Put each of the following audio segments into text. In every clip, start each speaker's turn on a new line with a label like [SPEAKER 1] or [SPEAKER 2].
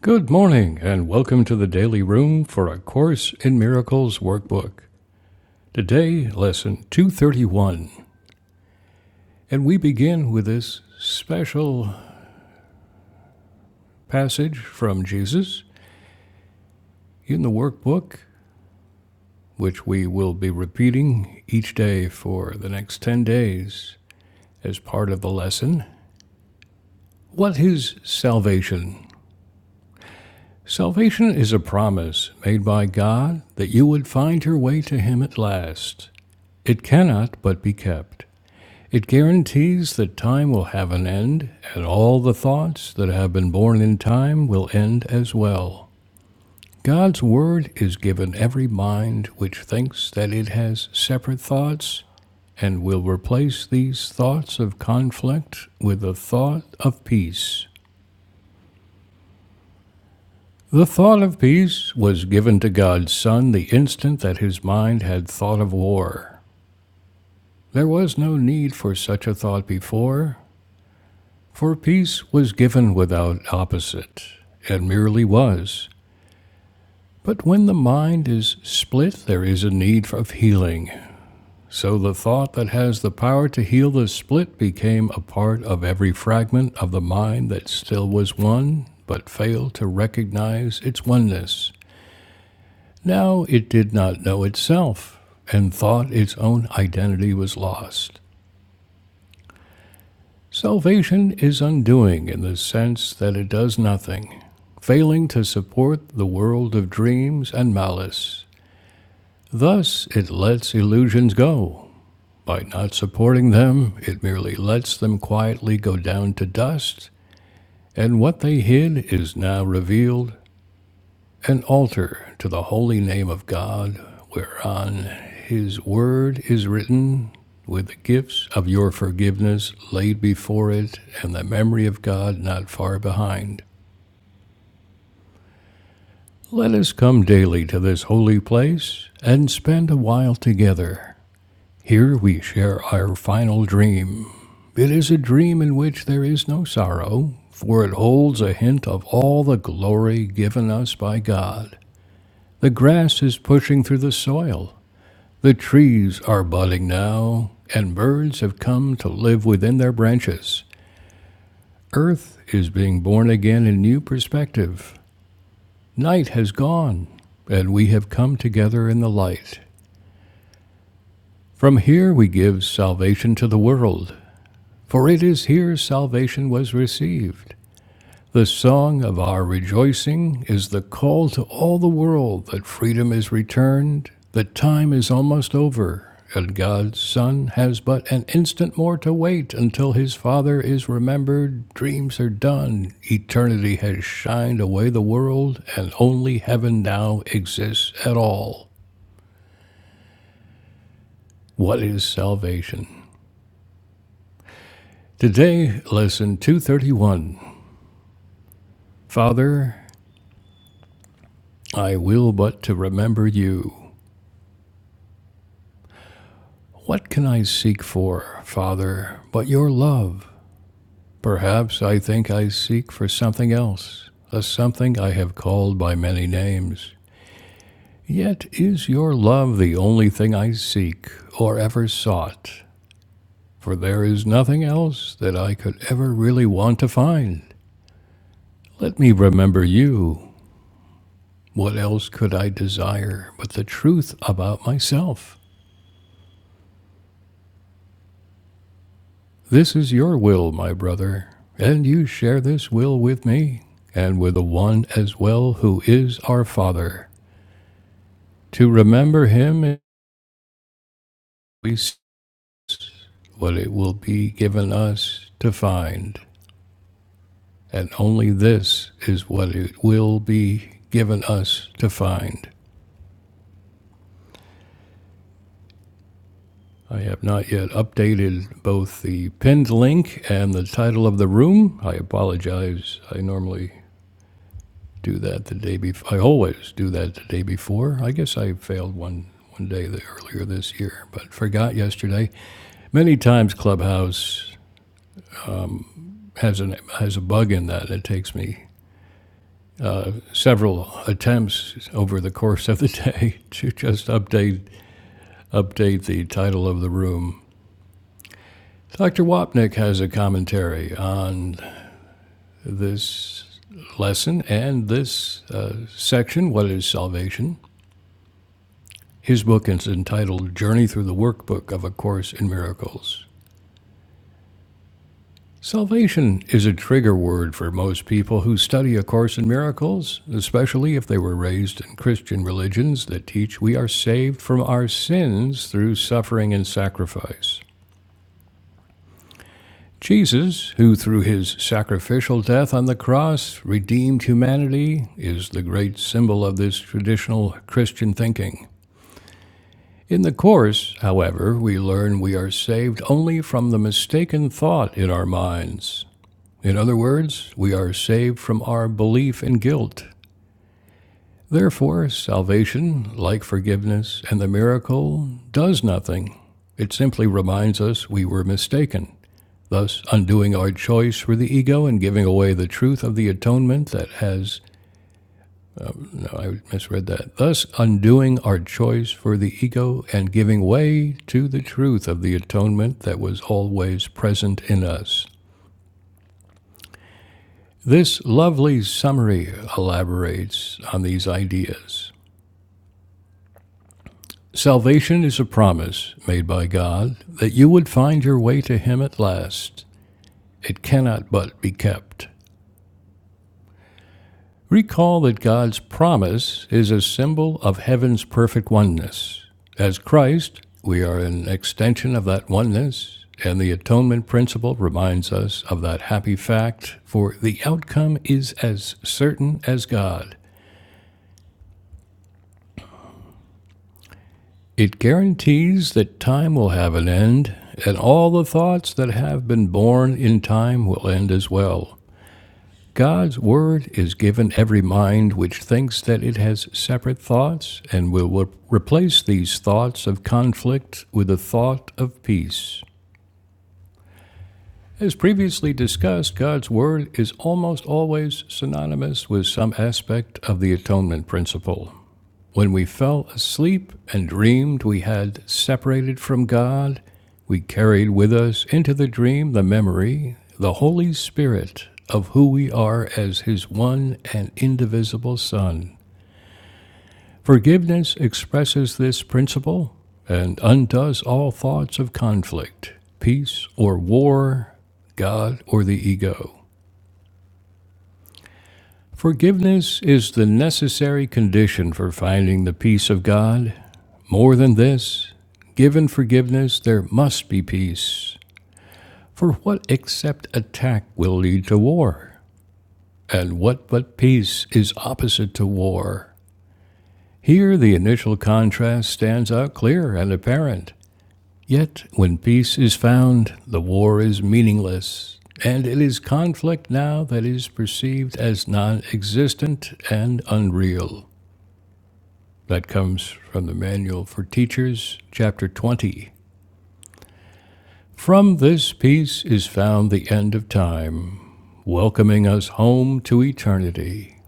[SPEAKER 1] Good morning, and welcome to the Daily Room for A Course in Miracles workbook. Today, lesson 231, and we begin with this special passage from Jesus in the workbook, which we will be repeating each day for the next 10 days as part of the lesson. What is salvation? Salvation is a promise made by God that you would find your way to Him at last. It cannot but be kept. It guarantees that time will have an end, and all the thoughts that have been born in time will end as well. God's word is given every mind which thinks that it has separate thoughts and will replace these thoughts of conflict with the thought of peace. The thought of peace was given to God's Son the instant that his mind had thought of war. There was no need for such a thought before, For peace was given without opposite, and merely was. But when the mind is split, there is a need of healing. So the thought that has the power to heal the split became a part of every fragment of the mind that still was one, but failed to recognize its oneness. Now it did not know itself, and thought its own identity was lost. Salvation is undoing in the sense that it does nothing, failing to support the world of dreams and malice. Thus, it lets illusions go. By not supporting them, it merely lets them quietly go down to dust, and what they hid is now revealed an altar to the holy name of God, whereon his word is written, with the gifts of your forgiveness laid before it, and the memory of God not far behind. Let us come daily to this holy place and spend a while together. Here we share our final dream. It is a dream in which there is no sorrow, for it holds a hint of all the glory given us by God. The grass is pushing through the soil, The trees are budding now, and birds have come to live within their branches. Earth is being born again in new perspective. Night has gone, and we have come together in the light. From here we give salvation to the world, for it is here salvation was received. The song of our rejoicing is the call to all the world that freedom is returned, that time is almost over, and God's Son has but an instant more to wait until his Father is remembered, dreams are done, eternity has shined away the world, and only heaven now exists at all. What is salvation? Today, lesson 231 Father, I will but to remember you. What can I seek for, Father, but your love? Perhaps I think I seek for something else, a something I have called by many names. Yet is your love the only thing I seek or ever sought, for there is nothing else that I could ever really want to find. Let me remember you. What else could I desire but the truth about myself? This is your will, my brother, and you share this will with me, and with the one as well who is our Father, to remember him and we see what it will be given us to find, and only this is what it will be given us to find. I have not yet updated both the pinned link and the title of the room. I apologize. I normally do that the day before. I always do that the day before. I guess I failed one one day the, earlier this year, but forgot yesterday. Many times Clubhouse has an has a bug in that. It takes me several attempts over the course of the day to just update update the title of the room. Dr. Wapnick has a commentary on this lesson and this uh, section. What is salvation? His book is entitled Journey Through the Workbook of A Course in Miracles. Salvation is a trigger word for most people who study A Course in Miracles, especially if they were raised in Christian religions that teach we are saved from our sins through suffering and sacrifice. Jesus, who through his sacrificial death on the cross redeemed humanity, is the great symbol of this traditional Christian thinking. In the Course, however, we learn we are saved only from the mistaken thought in our minds. In other words, we are saved from our belief in guilt. Therefore, salvation, like forgiveness and the miracle, does nothing. It simply reminds us we were mistaken, thus undoing our choice for the ego and giving away the truth of the atonement that has No, I misread that. Thus, undoing our choice for the ego and giving way to the truth of the atonement that was always present in us. This lovely summary elaborates on these ideas. Salvation is a promise made by God that you would find your way to Him at last. It cannot but be kept. Recall that God's promise is a symbol of heaven's perfect oneness. As Christ, we are an extension of that oneness, and the atonement principle reminds us of that happy fact, for the outcome is as certain as God. It guarantees that time will have an end, and all the thoughts that have been born in time will end as well. God's word is given every mind which thinks that it has separate thoughts and will re- replace these thoughts of conflict with the thought of peace. As previously discussed, God's word is almost always synonymous with some aspect of the atonement principle. When we fell asleep and dreamed we had separated from God, we carried with us into the dream the memory, the Holy Spirit, of who we are as His one and indivisible Son. Forgiveness expresses this principle and undoes all thoughts of conflict, peace or war, God or the ego. Forgiveness is the necessary condition for finding the peace of God. More than this, given forgiveness, there must be peace. For what except attack will lead to war? And what but peace is opposite to war? Here, the initial contrast stands out clear and apparent. Yet, when peace is found, the war is meaningless, and it is conflict now that is perceived as non existent and unreal. That comes from the Manual for Teachers, Chapter 20. From this peace is found the end of time, welcoming us home to eternity.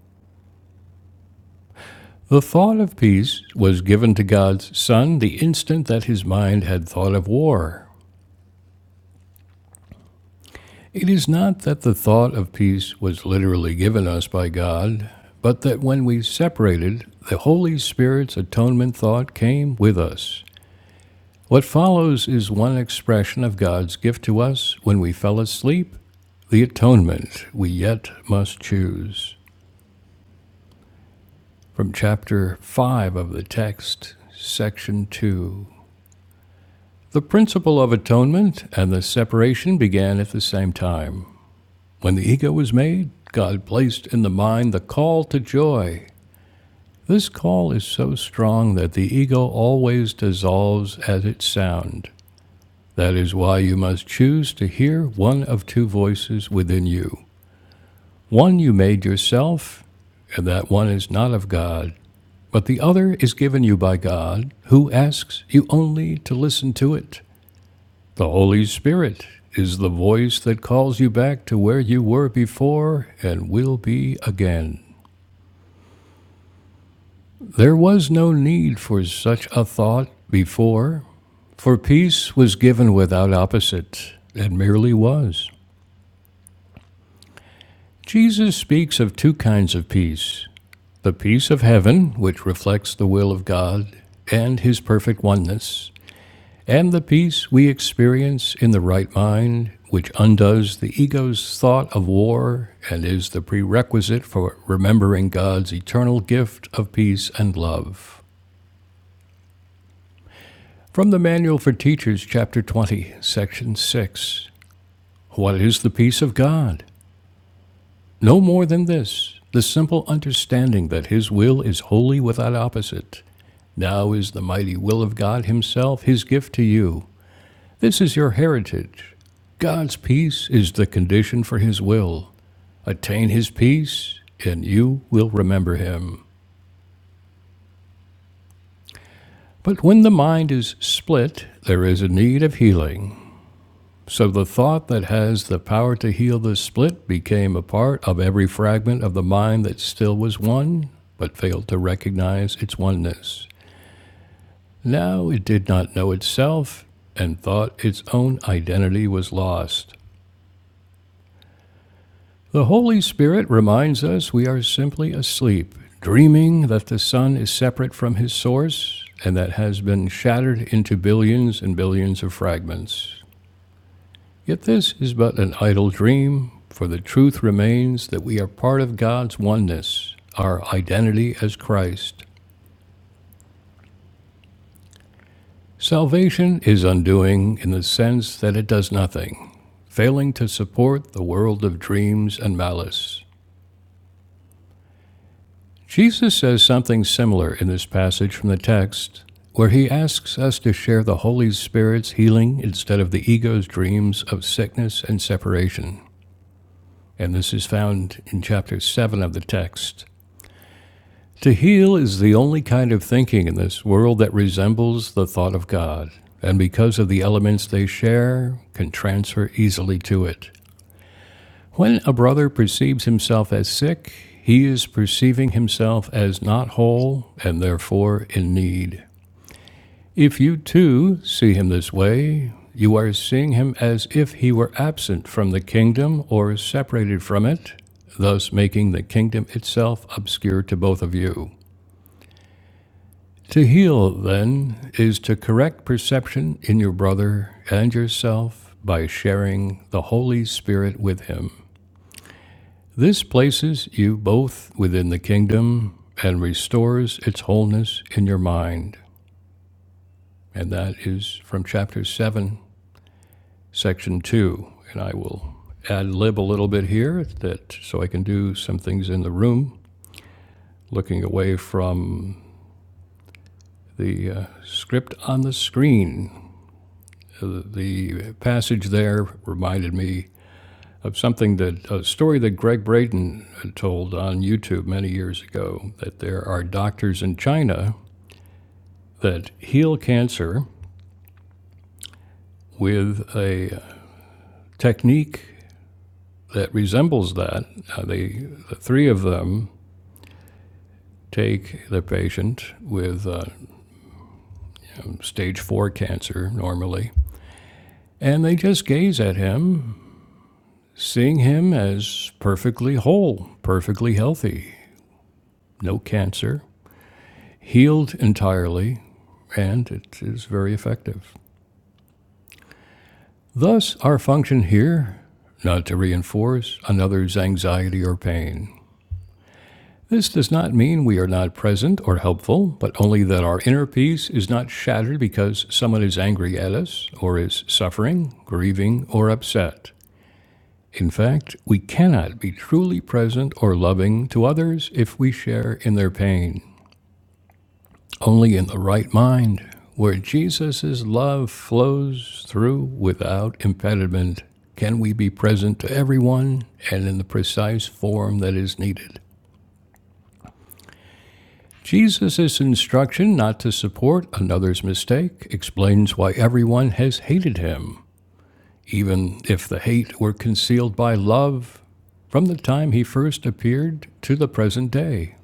[SPEAKER 1] The thought of peace was given to God's Son the instant that his mind had thought of war. It is not that the thought of peace was literally given us by God, but that when we separated, the Holy Spirit's atonement thought came with us. What follows is one expression of God's gift to us when we fell asleep, the atonement we yet must choose. From chapter 5 of the text, section 2. The principle of atonement and the separation began at the same time. When the ego was made, God placed in the mind the call to joy. This call is so strong that the ego always dissolves at its sound. That is why you must choose to hear one of two voices within you. One you made yourself, and that one is not of God, but the other is given you by God, who asks you only to listen to it. The Holy Spirit is the voice that calls you back to where you were before and will be again. There was no need for such a thought before, for peace was given without opposite, and merely was. Jesus speaks of two kinds of peace the peace of heaven, which reflects the will of God and His perfect oneness, and the peace we experience in the right mind, which undoes the ego's thought of war and is the prerequisite for remembering God's eternal gift of peace and love. From the Manual for Teachers, Chapter 20, Section 6 What is the peace of God? No more than this, the simple understanding that His will is wholly without opposite. Now is the mighty will of God Himself His gift to you. This is your heritage. God's peace is the condition for His will. Attain His peace, and you will remember Him. But when the mind is split, there is a need of healing. So the thought that has the power to heal the split became a part of every fragment of the mind that still was one, but failed to recognize its oneness. Now it did not know itself and thought its own identity was lost. The Holy Spirit reminds us we are simply asleep, dreaming that the sun is separate from his source and that has been shattered into billions and billions of fragments. Yet this is but an idle dream, for the truth remains that we are part of God's oneness, our identity as Christ. Salvation is undoing in the sense that it does nothing, failing to support the world of dreams and malice. Jesus says something similar in this passage from the text, where he asks us to share the Holy Spirit's healing instead of the ego's dreams of sickness and separation. And this is found in chapter 7 of the text. To heal is the only kind of thinking in this world that resembles the thought of God, and because of the elements they share, can transfer easily to it. When a brother perceives himself as sick, he is perceiving himself as not whole and therefore in need. If you too see him this way, you are seeing him as if he were absent from the kingdom or separated from it, thus making the kingdom itself obscure to both of you. To heal, then, is to correct perception in your brother and yourself by sharing the Holy Spirit with him. This places you both within the kingdom and restores its wholeness in your mind. And that is from chapter 7, section 2. And I will ad lib a little bit here that so I can do some things in the room, looking away from the uh, script on the screen. uh, the passage there reminded me of something that a story that Greg Braden told on YouTube many years ago that there are doctors in China that heal cancer with a technique that resembles that. Uh, they, the three of them take the patient with uh, um, stage four cancer normally, and they just gaze at him, seeing him as perfectly whole, perfectly healthy, no cancer, healed entirely, and it is very effective. Thus, our function here, not to reinforce another's anxiety or pain. This does not mean we are not present or helpful, but only that our inner peace is not shattered because someone is angry at us, or is suffering, grieving, or upset. In fact, we cannot be truly present or loving to others if we share in their pain. Only in the right mind, where Jesus' love flows through without impediment, can we be present to everyone and in the precise form that is needed. Jesus' instruction not to support another's mistake explains why everyone has hated him, even if the hate were concealed by love from the time he first appeared to the present day.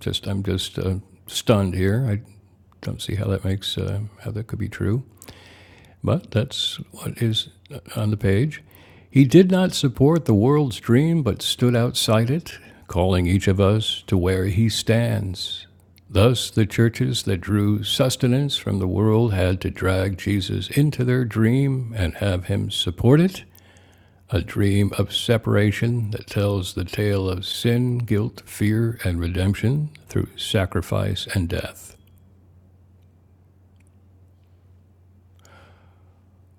[SPEAKER 1] Just, I'm just uh, stunned here. I don't see how that makes, uh, how that could be true. But that's what is on the page. He did not support the world's dream, but stood outside it, calling each of us to where he stands. Thus, the churches that drew sustenance from the world had to drag Jesus into their dream and have him support it, a dream of separation that tells the tale of sin, guilt, fear, and redemption through sacrifice and death.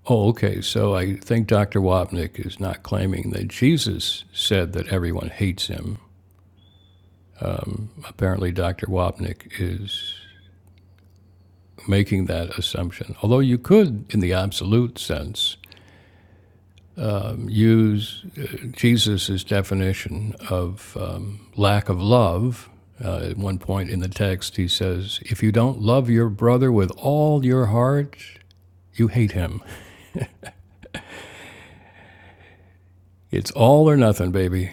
[SPEAKER 1] Oh, okay. So I think Dr. Wapnick is not claiming that Jesus said that everyone hates him. Apparently, Dr. Wapnick is making that assumption. Although you could, in the absolute sense, use uh, Jesus' definition of um, lack of love. Uh, at one point in the text, he says, If you don't love your brother with all your heart, you hate him. It's all or nothing, baby.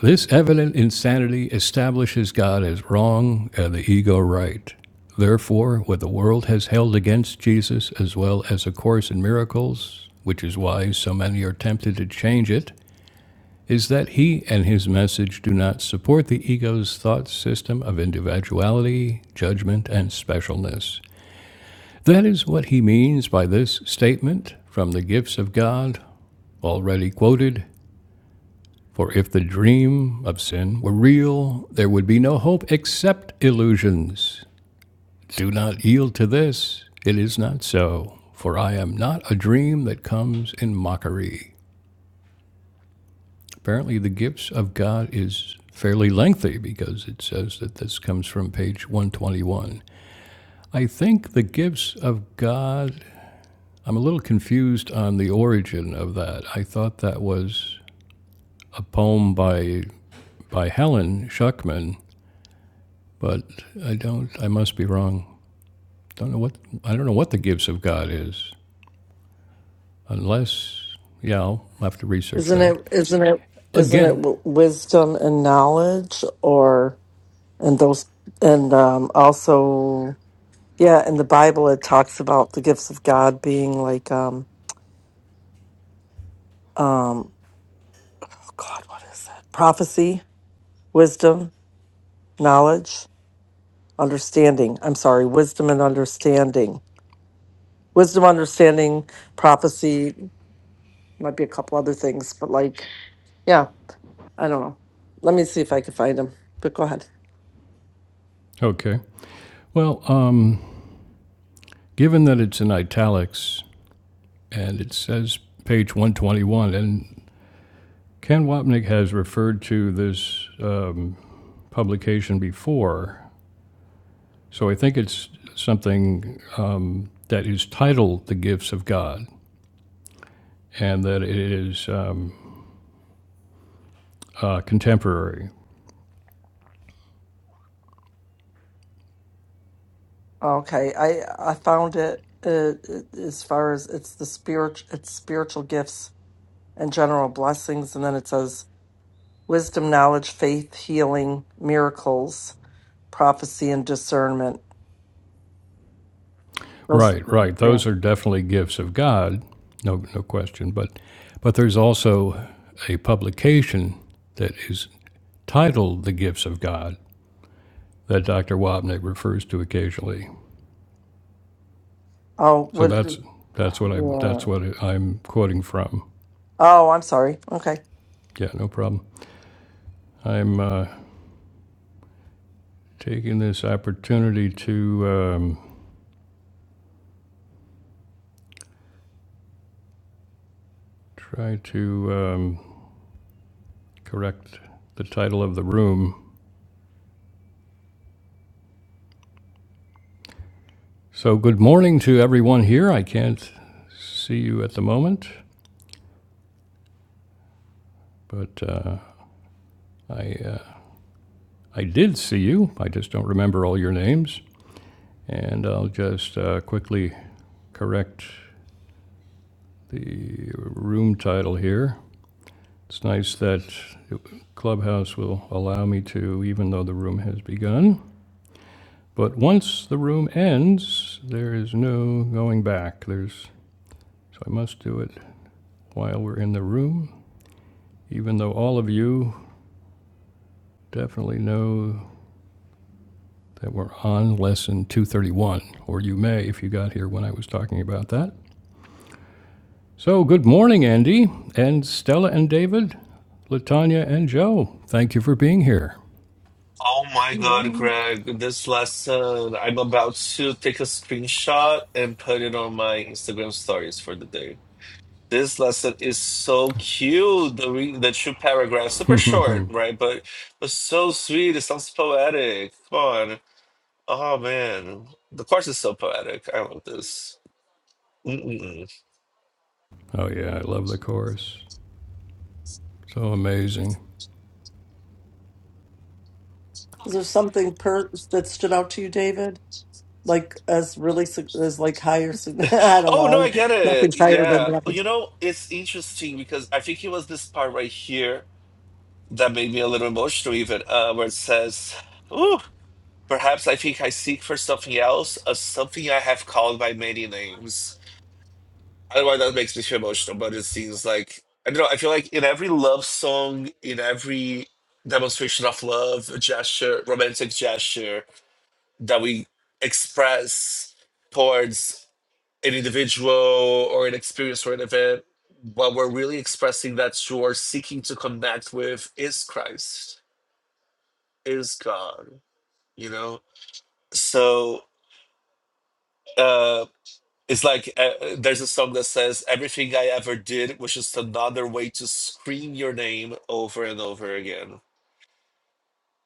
[SPEAKER 1] This evident insanity establishes God as wrong and the ego right. Therefore, what the world has held against Jesus, as well as A Course in Miracles, which is why so many are tempted to change it, is that he and his message do not support the ego's thought system of individuality, judgment, and specialness. That is what he means by this statement from the gifts of God, already quoted for if the dream of sin were real, there would be no hope except illusions. Do not yield to this. It is not so, for I am not a dream that comes in mockery. Apparently, the gifts of God is fairly lengthy because it says that this comes from page 121. I think the gifts of God, I'm a little confused on the origin of that. I thought that was a poem by by Helen Schuckman But I don't, I must be wrong. Don't know what, I don't know what the gifts of God is, unless, yeah, I'll have to research
[SPEAKER 2] Isn't
[SPEAKER 1] that
[SPEAKER 2] it? Isn't it? Isn't it
[SPEAKER 1] again.
[SPEAKER 2] w- wisdom and knowledge, or and those and um, also yeah? In the Bible, it talks about the gifts of God being like um um oh God, what is that? Prophecy, wisdom, knowledge, understanding. I'm sorry, wisdom and understanding. Wisdom, understanding, prophecy, might be a couple other things, but like yeah, I don't know. Let me see if I can find them. But go ahead.
[SPEAKER 1] Okay. Well, um, given that it's in italics and it says page 121, and Ken Wapnick has referred to this um, publication before, so I think it's something that is titled The Gifts of God and that it is uh, uh, contemporary.
[SPEAKER 2] Okay, I I found it uh, as far as it's the spirit, it's spiritual gifts and general blessings, and then it says wisdom, knowledge, faith, healing, miracles, prophecy, and discernment. Those,
[SPEAKER 1] Right, right.
[SPEAKER 2] yeah.
[SPEAKER 1] Those are definitely gifts of God, no, no question. But, but there's also a publication that is titled "The Gifts of God" that Dr. Wapnick refers to occasionally.
[SPEAKER 2] Oh,
[SPEAKER 1] So
[SPEAKER 2] what?
[SPEAKER 1] that's that's what I that's
[SPEAKER 2] Yeah.
[SPEAKER 1] what I'm quoting from.
[SPEAKER 2] Oh, I'm sorry. Okay.
[SPEAKER 1] Yeah, no problem. I'm uh, taking this opportunity to um, try to um, correct the title of the room. So good morning to everyone here. I can't see you at the moment. But uh, I, uh, I did see you. I just don't remember all your names. And I'll just uh, quickly correct the room title here. It's nice that Clubhouse will allow me to, even though the room has begun. But once the room ends, there is no going back. There's so I must do it while we're in the room, even though all of you definitely know that were on lesson 231, or you may if you got here when I was talking about that. So, good morning, Andy, and Stella and David, Latanya and Joe. Thank you for being here.
[SPEAKER 3] Oh my God, Greg, this lesson, I'm about to take a screenshot and put it on my Instagram stories for the day. This lesson is so cute. The re the two paragraphs, super short, right? But but so sweet. It sounds poetic. Come on. Oh man, the course is so poetic. I love this. Mm-mm.
[SPEAKER 1] Oh, yeah, I love the chorus. So amazing.
[SPEAKER 2] Is there something per- that stood out to you, David? Like as really sig- as like higher? sig- I don't
[SPEAKER 3] Oh no, I
[SPEAKER 2] know.
[SPEAKER 3] get it.
[SPEAKER 2] Nothing's higher than
[SPEAKER 3] Yeah,
[SPEAKER 2] nothing.
[SPEAKER 3] you know, it's interesting because I think it was this part right here that made me a little emotional, even uh, where it says. "Ooh." Perhaps I think I seek for something else, or something I have called by many names. I don't know why that makes me feel emotional, but it seems like I don't know. I feel like in every love song, in every demonstration of love, gesture, romantic gesture that we express towards an individual or an experience or an event, what we're really expressing that you are seeking to connect with is Christ, is God. You know, so. uh, It's like uh, there's a song that says, Everything I ever did was just another way to scream your name over and over again.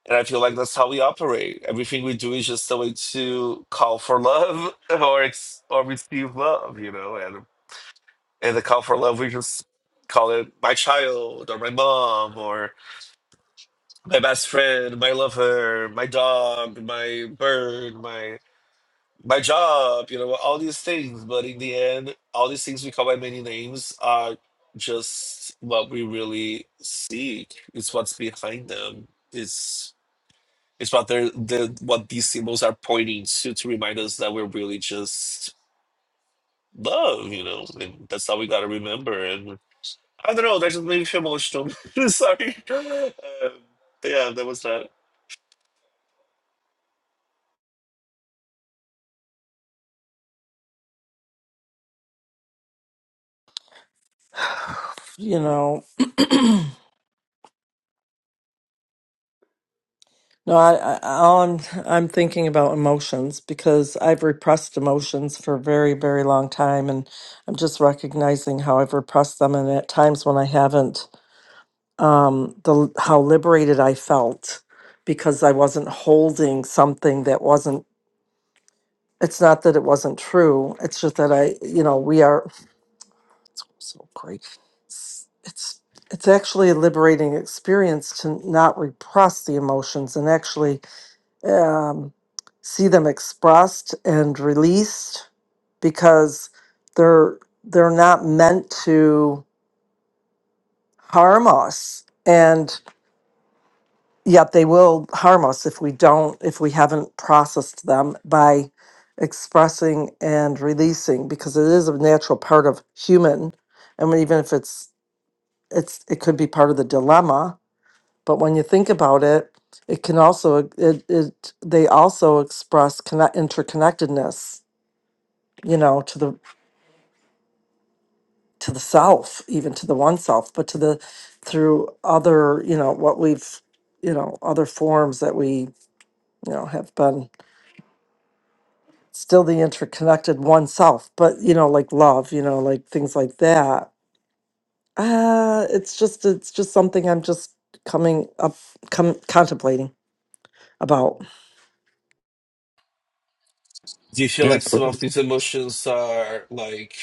[SPEAKER 3] And I feel like that's how we operate. Everything we do is just a way to call for love or ex- or receive love, you know. And and the call for love, we just call it my child or my mom or my best friend, my lover, my dog, my bird, my. my job, you know, all these things. But in the end, all these things we call by many names are just what we really seek. It's what's behind them. It's it's what they're the what these symbols are pointing to to remind us that we're really just love, you know, and that's how we gotta remember. And I don't know, that just made me feel emotional. Sorry. Um, but yeah, that was that.
[SPEAKER 2] You know. No, I, I all I'm I'm thinking about emotions because I've repressed emotions for a very, very long time and I'm just recognizing how I've repressed them and at times when I haven't um the how liberated I felt because I wasn't holding something that wasn't it's not that it wasn't true. It's just that I, you know, we are so great. It's it's it's actually a liberating experience to not repress the emotions and actually um, see them expressed and released because they're they're not meant to harm us and yet they will harm us if we don't if we haven't processed them by expressing and releasing because it is a natural part of human and when- even if it's it's it could be part of the dilemma but when you think about it it can also it, it they also express connect interconnectedness you know to the to the self, even to the one south but to the through other you know what we've you know other forms that we you know have been still the interconnected one self but you know like love you know like things like that uh it's just it's just something i'm just coming up com- contemplating about
[SPEAKER 3] Do you feel like some of these emotions are like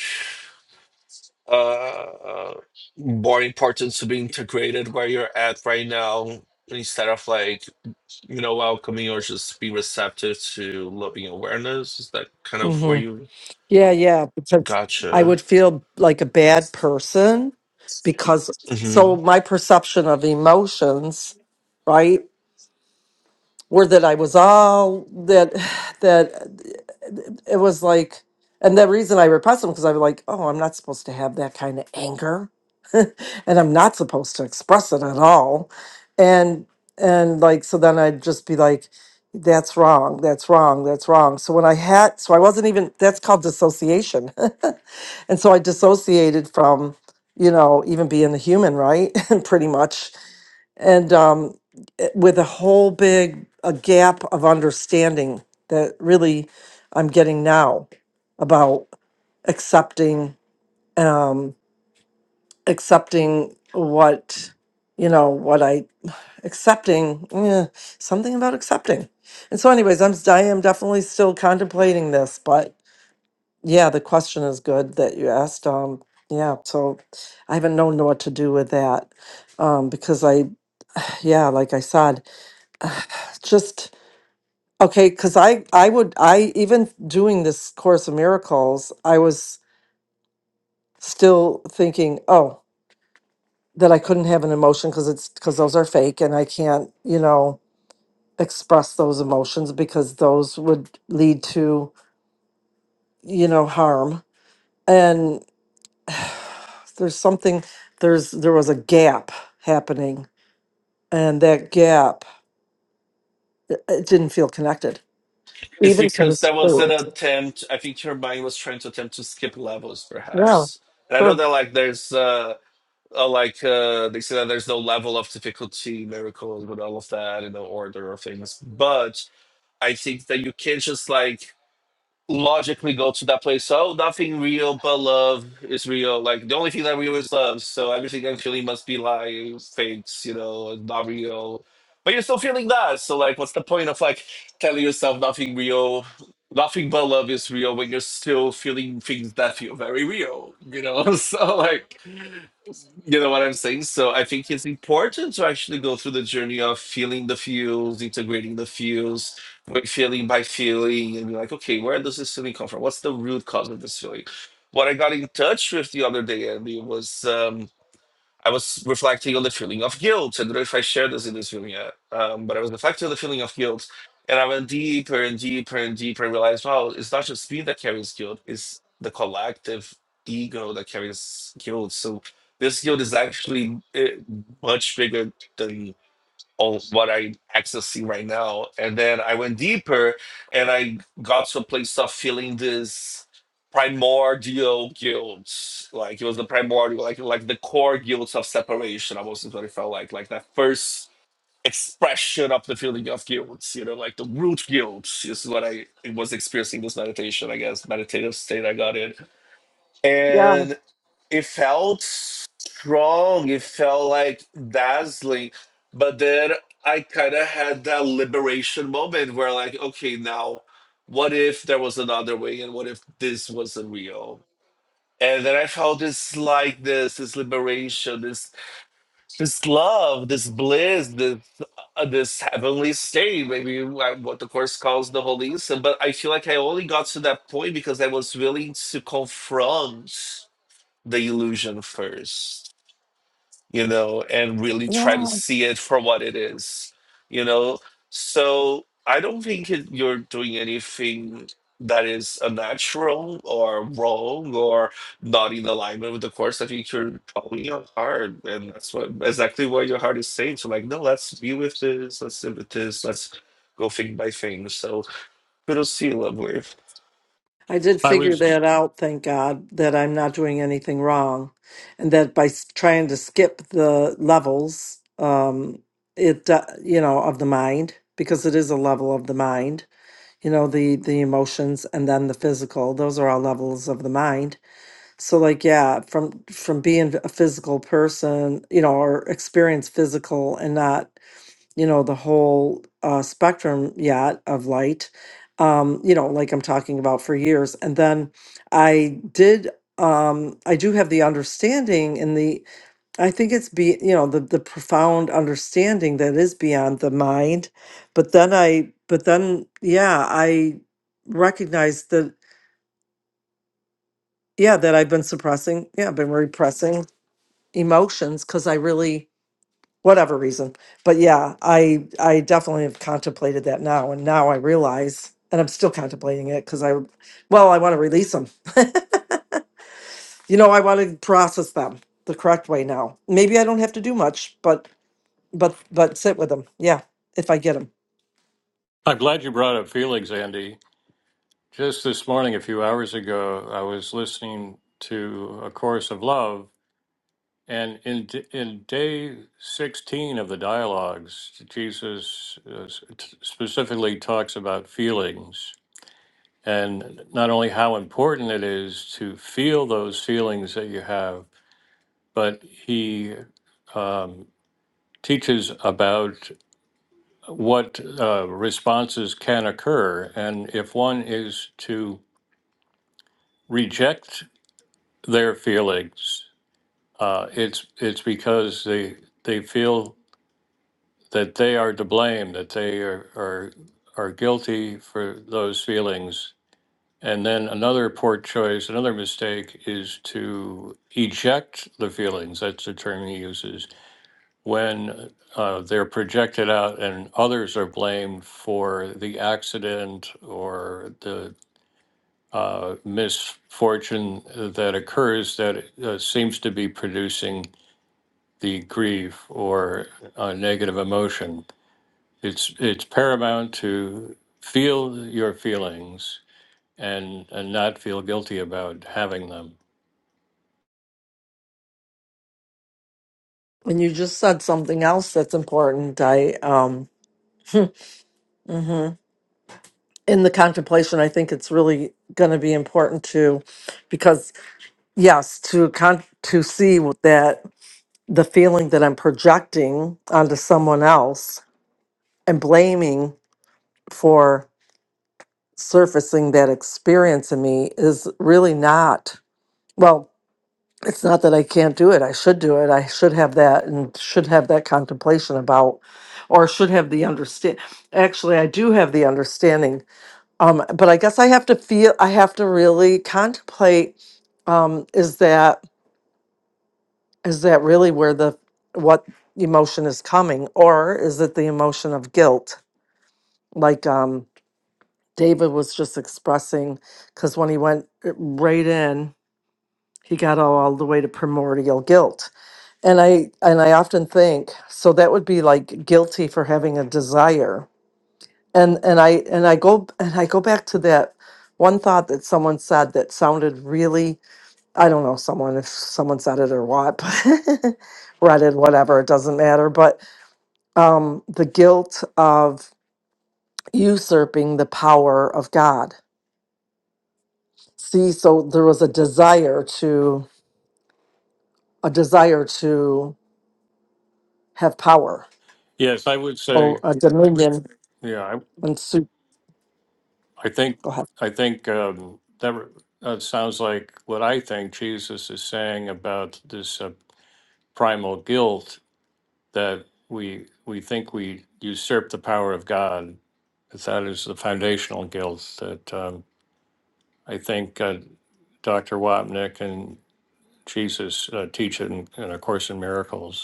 [SPEAKER 3] uh boring parts to be integrated where you're at right now instead of like you know welcoming or just be receptive to loving awareness is that kind of where
[SPEAKER 2] hmm
[SPEAKER 3] you
[SPEAKER 2] yeah yeah because i
[SPEAKER 3] gotcha
[SPEAKER 2] would feel like a bad person because so
[SPEAKER 3] hmm
[SPEAKER 2] my perception of emotions right were that I was all that that it was like and the reason I repressed them because I was like, oh, I'm not supposed to have that kind of anger. and I'm not supposed to express it at all. And and like so then I'd just be like, that's wrong, that's wrong, that's wrong. So when I had so I wasn't even that's called dissociation. and so I dissociated from, you know, even being a human, right? And pretty much. And um with a whole big a gap of understanding that really I'm getting now about accepting um accepting what you know what I accepting eh, something about accepting. And so anyways, I'm I am definitely still contemplating this, but yeah, the question is good that you asked um yeah, so I haven't known what to do with that um because I yeah, like I said, just Okay, because I I would I even doing this Course of Miracles, I was still thinking, oh, that I couldn't have an emotion because it's because those are fake and I can't, you know, express those emotions because those would lead to, you know, harm. And there's something there's there was a gap happening, and that gap it didn't feel connected
[SPEAKER 3] it's
[SPEAKER 2] even to
[SPEAKER 3] because
[SPEAKER 2] this
[SPEAKER 3] there was an
[SPEAKER 2] food.
[SPEAKER 3] attempt i think your mind was trying to attempt to skip levels
[SPEAKER 2] Yeah,
[SPEAKER 3] perhaps and i know
[SPEAKER 2] sure.
[SPEAKER 3] that like there's uh uh, like uh, they say that there's no level of difficulty miracles with all of that in the order of things, but I think that you can't just like logically go to that place. Oh, nothing real but love is real. Like the only thing that real is love. So everything I'm feeling must be lies, fakes, you know, not real. But you're still feeling that. So like, what's the point of like telling yourself nothing real, nothing but love is real when you're still feeling things that feel very real, you know? So like. You know what I'm saying? So I think it's important to actually go through the journey of feeling the feels, integrating the feels, like feeling by feeling, and be like, okay, where does this feeling come from? What's the root cause of this feeling? What I got in touch with the other day, Andy, was um, I was reflecting on the feeling of guilt. I don't know if I shared this in this room yet, um, but I was reflecting on the feeling of guilt. And I went deeper and deeper and deeper and realized, wow, it's not just me that carries guilt, it's the collective ego that carries guilt. So this guilt is actually eh, much bigger than on what I'm accessing right now. And then I went deeper and I got to a place of feeling this primordial guilt. Like it was the primordial, like like the core guilt of separation. I was what it felt like, like that first expression of the feeling of guilt, you know, like the root guilt is what I was experiencing this meditation, I guess, meditative state I got in.
[SPEAKER 2] Yeah,
[SPEAKER 3] and it felt strong it felt like dazzling but then i kind of had that liberation moment where like okay now what if there was another way and what if this wasn't real and then i felt this like this this liberation this this love this bliss this uh, this heavenly state maybe uh, what the course calls the holy instant but i feel like i only got to that point because i was willing to confront the illusion first you know, and really try to
[SPEAKER 2] yeah.
[SPEAKER 3] see it for what it is, you know. So I don't think it, you're doing anything that is unnatural or wrong or not in alignment with the course. I think you're following your heart, and that's what exactly what your heart is saying. So, like, no, let's be with this, let's sit with this, let's go thing by thing. So, kudos to you, lovely.
[SPEAKER 2] I did
[SPEAKER 1] I
[SPEAKER 2] figure
[SPEAKER 1] was,
[SPEAKER 2] that out, thank God, that I'm not doing anything wrong. And that by s- trying to skip the levels, um, it, uh, you know, of the mind, because it is a level of the mind, you know, the, the emotions and then the physical, those are all levels of the mind. So like, yeah, from, from being a physical person, you know, or experience physical and not you know the whole uh, spectrum yet of light um you know like i'm talking about for years and then i did um i do have the understanding and the i think it's be you know the the profound understanding that is beyond the mind but then i but then yeah i recognized that yeah that i've been suppressing yeah i've been repressing emotions because i really whatever reason. But yeah, I I definitely have contemplated that now, and now I realize, and I'm still contemplating it because I, well, I want to release them. you know, I want to process them the correct way now. Maybe I don't have to do much, but but but sit with them. Yeah, if I get them.
[SPEAKER 1] I'm glad you brought up Felix, Andy. Just this morning, a few hours ago, I was listening to A Chorus of Love And in d- in day sixteen of the dialogues, Jesus uh, s- t- specifically talks about feelings and not only how important it is to feel those feelings that you have, but he um, teaches about what uh, responses can occur, and if one is to reject their feelings, uh, it's it's because they they feel. that they are to blame, that they are, are, are guilty for those feelings. And then another poor choice, another mistake is to eject the feelings. That's the term he uses when uh, they're projected out and others are blamed for the accident or the uh, misfortune that occurs that uh, seems to be producing the grief or uh, negative emotion it's it's paramount to feel your feelings and and not feel guilty about having them.
[SPEAKER 2] And you just said something else that's important. I um. hmm In the contemplation, I think it's really going to be important to, because yes, to con- to see that the feeling that I'm projecting onto someone else and blaming for surfacing that experience in me is really not, well, it's not that I can't do it. I should do it. I should have that and should have that contemplation about, or should have the understand. Actually, I do have the understanding. Um, but I guess I have to feel, I have to really contemplate um, is that is that really where the what emotion is coming or is it the emotion of guilt like um david was just expressing because when he went uh, right in he got all, all the way to primordial guilt and i and i often think so that would be like guilty for having a desire and and i and i go and i go back to that one thought that someone said that sounded really i don't know someone if someone said it or what but reddit whatever it doesn't matter but um, the guilt of usurping the power of God. See, so there was a desire to a desire to have power
[SPEAKER 1] Yes, I would say,
[SPEAKER 2] or a dominion
[SPEAKER 1] yeah, I
[SPEAKER 2] and su-
[SPEAKER 1] I think
[SPEAKER 2] go ahead.
[SPEAKER 1] I think um, that re- that sounds like what I think Jesus is saying about this uh, primal guilt that we we think we usurp the power of God. That is the foundational guilt that um, I think uh, Doc Jesus uh, teach in, in A Course in Miracles.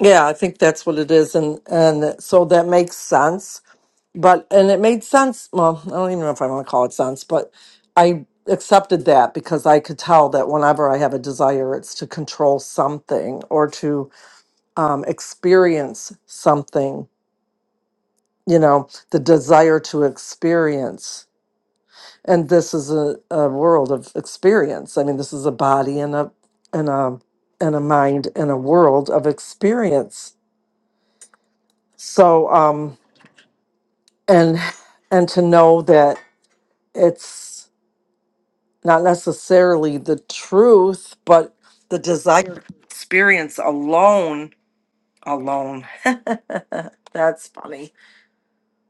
[SPEAKER 2] Yeah, I think that's what it is, and and so that makes sense. But and it made sense. Well, I don't even know if I want to call it sense, but I accepted that because I could tell that whenever I have a desire, it's to control something or to um, experience something you know, the desire to experience. And this is a, a world of experience. I mean, this is a body and a and a and a mind and a world of experience. So um and and to know that it's not necessarily the truth, but the desire to experience alone alone. That's funny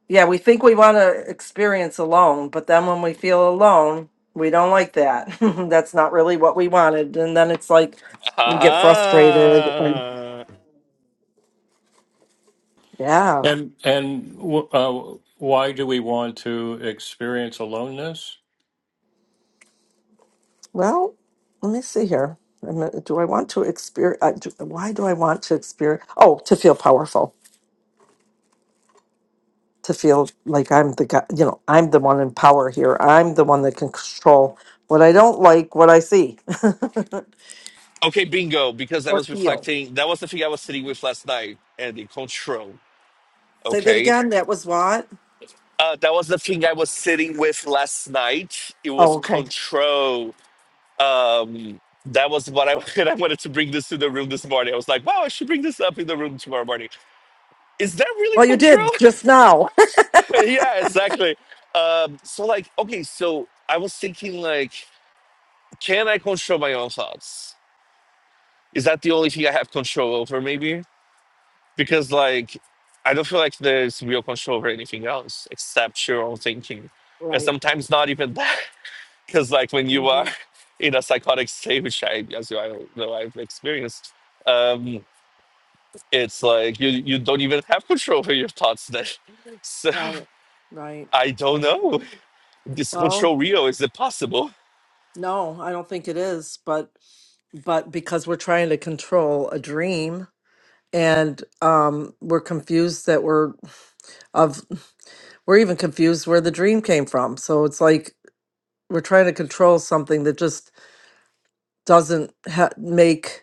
[SPEAKER 2] yeah, we think we want to experience alone, but then when we feel alone, we don't like that. That's not really what we wanted. And then it's like we get frustrated. And
[SPEAKER 3] Ah.
[SPEAKER 2] yeah,
[SPEAKER 1] And and w- uh, why do we want to experience aloneness?
[SPEAKER 2] well, let me see here. I'm, uh, Do I want to experience? Uh, do, Why do I want to experience? Oh, to feel powerful, to feel like I'm the guy, you know, I'm the one in power here. I'm the one that can control what I don't like, what I see
[SPEAKER 3] Okay, bingo, because I
[SPEAKER 2] or
[SPEAKER 3] was
[SPEAKER 2] feel.
[SPEAKER 3] reflecting. That was the thing I was sitting with last night, Andy. Control.
[SPEAKER 2] Say that
[SPEAKER 3] Okay.
[SPEAKER 2] again. That was what?
[SPEAKER 3] Uh, that was the thing I was sitting with last night. It was
[SPEAKER 2] Oh, okay.
[SPEAKER 3] control. Um, that was what I, and I wanted to bring this to the room this morning. I was like, wow, I should bring this up in the room tomorrow morning. Is that really
[SPEAKER 2] Well, you did
[SPEAKER 3] control?
[SPEAKER 2] just now.
[SPEAKER 3] yeah, exactly. Um, so, like, okay, so I was thinking, like, can I control my own thoughts? Is that the only thing I have control over, maybe? because like I don't feel like there's real control over anything else except your own thinking, and
[SPEAKER 2] Right.
[SPEAKER 3] sometimes not even that. Because like when you are
[SPEAKER 2] hmm
[SPEAKER 3] in a psychotic state, which I as you I know I've experienced, um, it's like you you don't even have control over your thoughts then. So
[SPEAKER 2] Right. Right.
[SPEAKER 3] I don't
[SPEAKER 2] Right.
[SPEAKER 3] know. Is
[SPEAKER 2] Well,
[SPEAKER 3] control real? Is it possible?
[SPEAKER 2] no, I don't think it is, but but because we're trying to control a dream and um we're confused that we're of we're even confused where the dream came from. So it's like we're trying to control something that just doesn't ha- make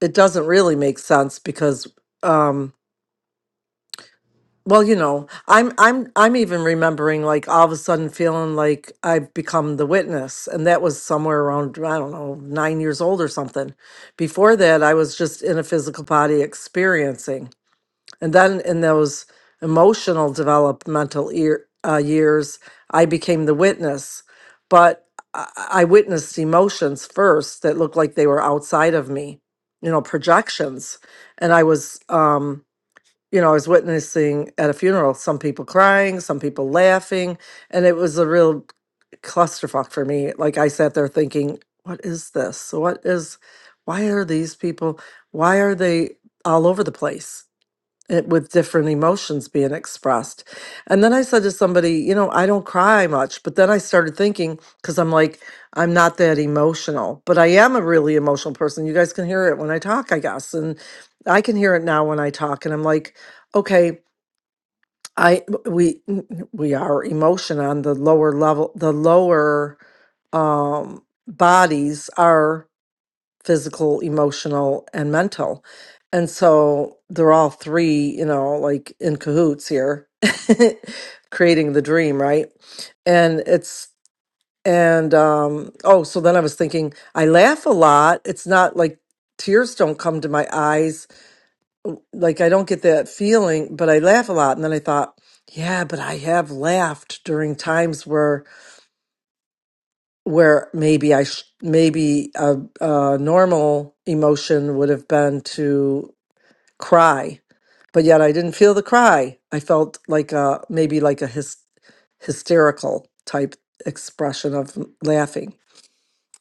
[SPEAKER 2] it doesn't really make sense because um Well, you know, I'm I'm I'm even remembering like all of a sudden feeling like I've become the witness and that was somewhere around I don't know, 9 years old or something. Before that, I was just in a physical body experiencing. And then in those emotional developmental ear, uh, years, I became the witness. But I, I witnessed emotions first that looked like they were outside of me, you know, projections. And I was um you know, I was witnessing at a funeral some people crying, some people laughing, and it was a real clusterfuck for me. Like I sat there thinking, what is this? What is why are these people why are they all over the place? it, with different emotions being expressed. And then I said to somebody, you know, I don't cry much. But then I started thinking, because I'm like, I'm not that emotional, but I am a really emotional person. You guys can hear it when I talk, I guess. And I can hear it now when I talk. And I'm like, okay, I we we are emotion on the lower level, the lower um bodies are physical, emotional, and mental. And so they're all three, you know, like in cahoots here, creating the dream, right? And it's, and, um, oh, so then I was thinking, I laugh a lot. It's not like tears don't come to my eyes. Like I don't get that feeling, but I laugh a lot. And then I thought, yeah, but I have laughed during times where where maybe I sh- maybe a, a normal emotion would have been to cry, but yet I didn't feel the cry. I felt like a maybe like a hys- hysterical type expression of m- laughing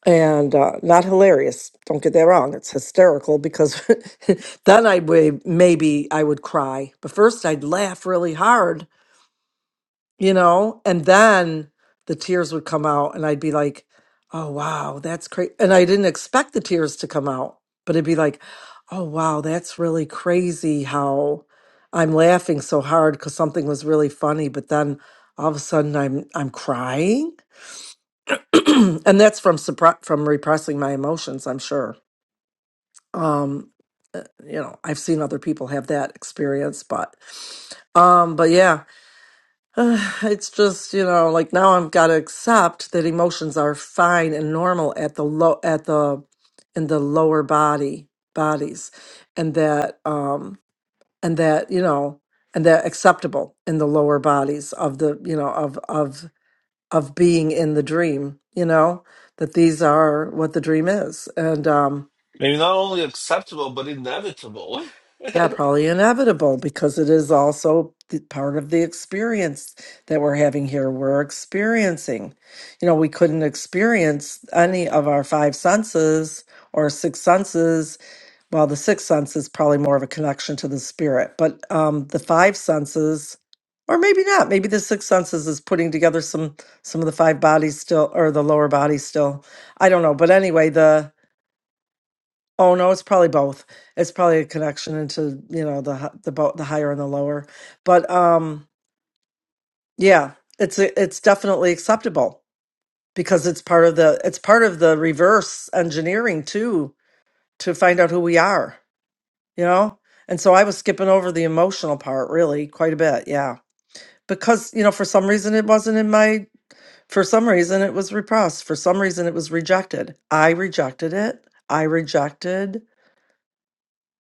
[SPEAKER 2] and uh, not hilarious. Don't get that wrong. It's hysterical because then I would maybe I would cry, but first I'd laugh really hard you know and then the tears would come out and i'd be like oh wow that's crazy and i didn't expect the tears to come out but it'd be like oh wow that's really crazy how i'm laughing so hard because something was really funny but then all of a sudden i'm i'm crying and that's from suppre- from repressing my emotions i'm sure um uh, you know i've seen other people have that experience but um but yeah Uh, it's just you know like now i've got to accept that emotions are fine and normal at the low at the in the lower body bodies and that um and that you know and that acceptable in the lower bodies of the you know of of of being in the dream you know that these are what the dream is and um.
[SPEAKER 3] Maybe not only acceptable but inevitable.
[SPEAKER 2] Yeah, probably inevitable because it is also th- part of the experience that we're having here. We're experiencing. You know, we couldn't experience any of our five senses or six senses. Well, the sixth sense is probably more of a connection to the spirit, but um, the five senses, or maybe not. Maybe the sixth senses is putting together some some of the five bodies still, or the lower body still. I don't know. But anyway, the Oh no, it's probably both. It's probably a connection into, you know, the hi- the bo- the higher and the lower. But um yeah, it's a, it's definitely acceptable because it's part of the it's part of the reverse engineering too to find out who we are, you know? And so I was skipping over the emotional part really quite a bit, yeah. Because, you know, for some reason it wasn't in my for some reason it was repressed. For some reason it was rejected. I rejected it. I rejected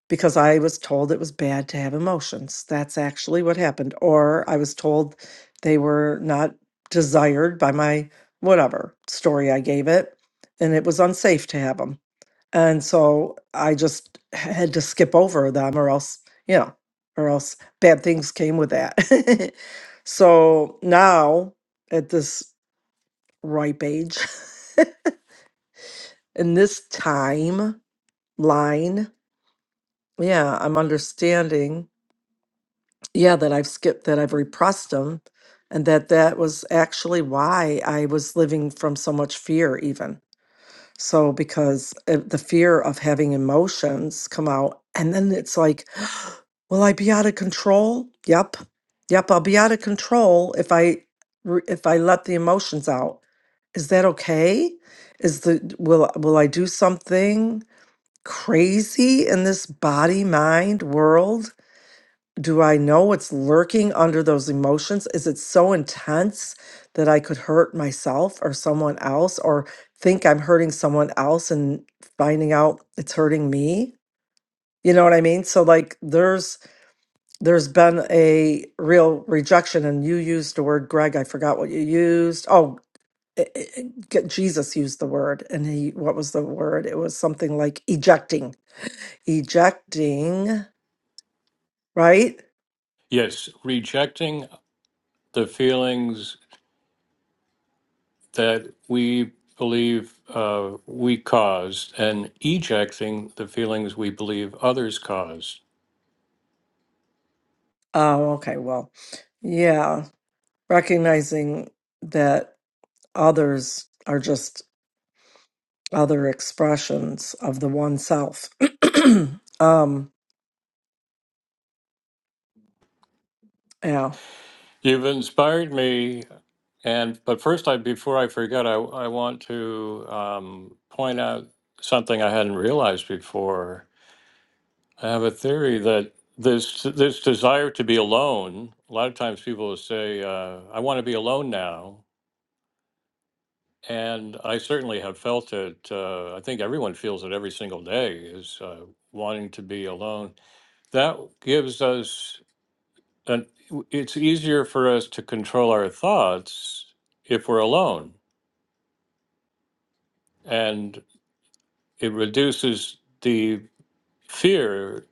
[SPEAKER 2] because I was told it was bad to have emotions. That's actually what happened. Or I was told they were not desired by my whatever story I gave it, and it was unsafe to have them. And so I just had to skip over them, or else, you know, or else bad things came with that. so now at this ripe age, in this time line, yeah, I'm understanding yeah that i've skipped that i've repressed them and that that was actually why i was living from so much fear even so because of the fear of having emotions come out and then it's like will i be out of control yep yep i'll be out of control if i re- if i let the emotions out is that okay is the will will i do something crazy in this body mind world do I know what's lurking under those emotions? Is it so intense that I could hurt myself or someone else or think I'm hurting someone else and finding out it's hurting me? You know what I mean? So like there's there's been a real rejection and you used the word Greg, I forgot what you used. Oh, i- i- i- G- Jesus used the word and he what was the word? It was something like ejecting. Ejecting, right?
[SPEAKER 1] Yes, rejecting the feelings that we believe uh, we caused and ejecting the feelings we believe others caused.
[SPEAKER 2] Oh, okay. Well, yeah. recognizing that others are just other expressions of the one self. um, yeah.
[SPEAKER 1] You've inspired me, and but first, I before I forget, I I want to um, point out something I hadn't realized before I have a theory that this this desire to be alone. A lot of times, people will say, uh, "I want to be alone now," and I certainly have felt it. Uh, I think everyone feels it every single day is uh, wanting to be alone. That gives us an. It's easier for us to control our thoughts if we're alone, and it reduces the fear,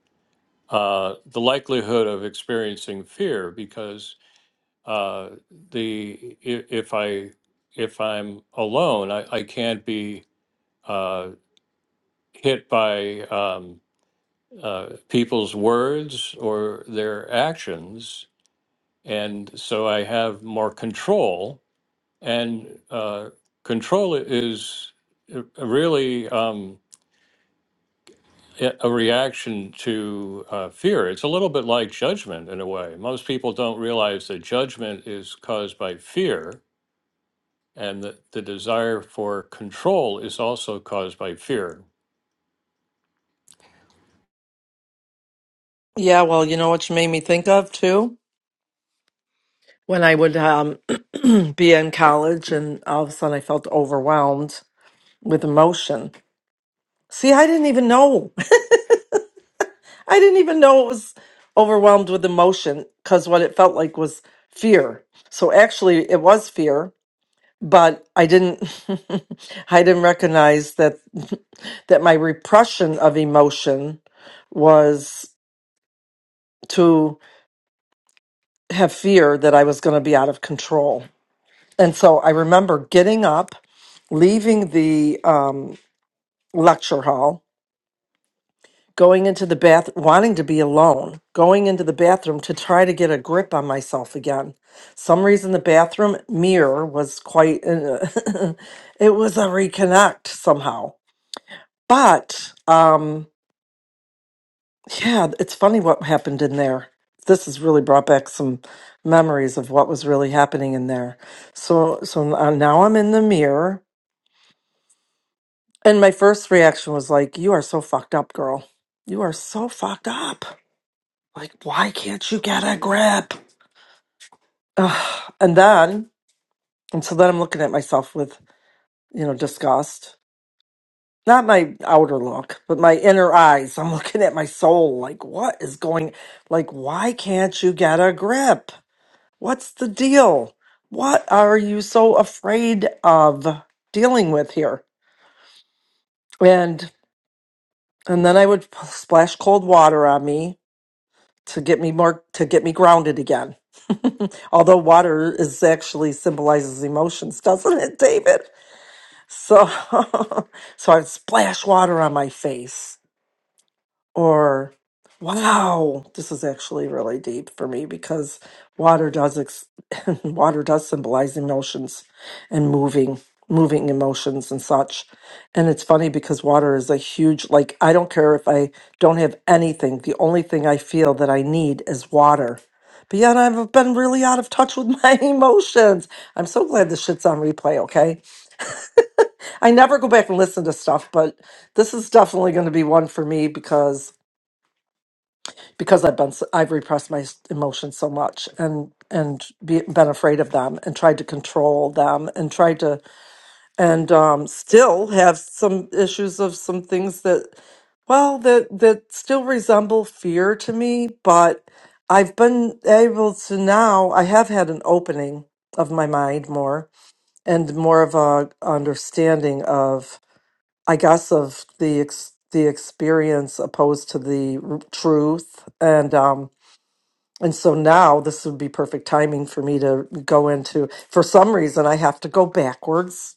[SPEAKER 1] uh, the likelihood of experiencing fear because uh, the i- if I if I'm alone, I, I can't be uh, hit by um, uh, people's words or their actions, and so I have more control. And uh, control is a- really um, a a reaction to uh, fear. It's a little bit like judgment in a way. Most people don't realize that judgment is caused by fear And the, the desire for control is also caused by fear.
[SPEAKER 2] Yeah, well, you know what you made me think of too? When I would um, be in college and all of a sudden I felt overwhelmed with emotion. See, I didn't even know. I didn't even know it was overwhelmed with emotion because what it felt like was fear. So actually, it was fear but I didn't I didn't recognize that that my repression of emotion was to have fear that I was going to be out of control. And so I remember getting up, leaving the um, lecture hall, going into the bath, wanting to be alone, going into the bathroom to try to get a grip on myself again. Some reason the bathroom mirror was quite, it was a reconnect somehow But um, yeah, it's funny what happened in there. This has really brought back some memories of what was really happening in there. So so uh, now I'm in the mirror, and my first reaction was like, "You are so fucked up, girl. You are so fucked up. Like, why can't you get a grip?" Ugh. And then and so then I'm looking at myself with you know disgust not my outer look, but my inner eyes. I'm looking at my soul like, what is going, like, why can't you get a grip? What's the deal? What are you so afraid of dealing with here? And, and then I would p- splash cold water on me to get me more, to get me grounded again. Although water is actually symbolizes emotions, doesn't it, David? So, so I'd splash water on my face or wow this is actually really deep for me because water does ex- water does symbolize emotions and moving moving emotions and such and it's funny because water is a huge like i don't care if i don't have anything the only thing i feel that i need is water but yet i've been really out of touch with my emotions i'm so glad this shit's on replay okay i never go back and listen to stuff but this is definitely going to be one for me because because I've been s- I've repressed my s- emotions so much and and be, been afraid of them and tried to control them and tried to and um, still have some issues of some things that well that that still resemble fear to me, but I've been able to now I have had an opening of my mind more and more of a understanding of I guess of the ex- the experience opposed to the r- truth and um and so now this would be perfect timing for me to go into. For some reason, I have to go backwards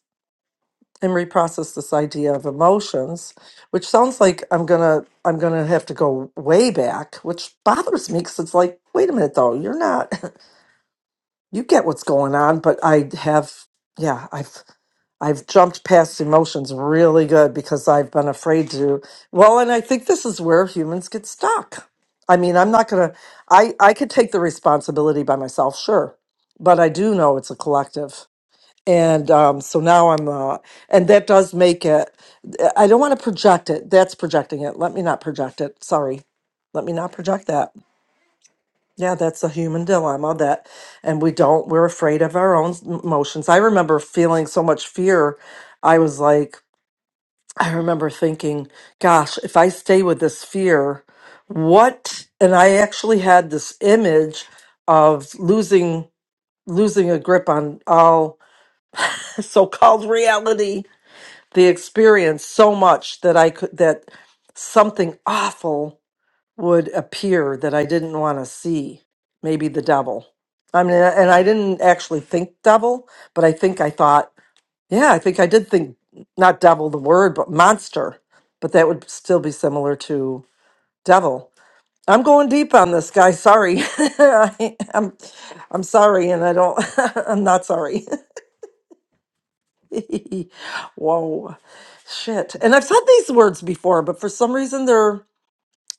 [SPEAKER 2] and reprocess this idea of emotions, which sounds like I'm gonna I'm gonna have to go way back, which bothers me because it's like, wait a minute though, you're not you get what's going on, but I have yeah, I've I've jumped past emotions really good because I've been afraid to. Well, and I think this is where humans get stuck. I mean, I'm not going to I I could take the responsibility by myself, sure, but I do know it's a collective. And um so now I'm uh and that does make it I don't want to project it. That's projecting it. Let me not project it. Sorry. Let me not project that yeah, that's a human dilemma that, and we don't, we're afraid of our own m- emotions. I remember feeling so much fear. I was like, I remember thinking, gosh, if I stay with this fear, what? And I actually had this image of losing losing a grip on all so-called reality, the experience so much that I could that something awful would appear that I didn't want to see, maybe the devil. I mean, and I didn't actually think devil, but I think I thought, yeah, I think I did think not devil the word, but monster. But that would still be similar to devil. I'm going deep on this guy. Sorry, I, I'm, I'm sorry, and I don't. I'm not sorry. Whoa, shit. And I've said these words before, but for some reason they're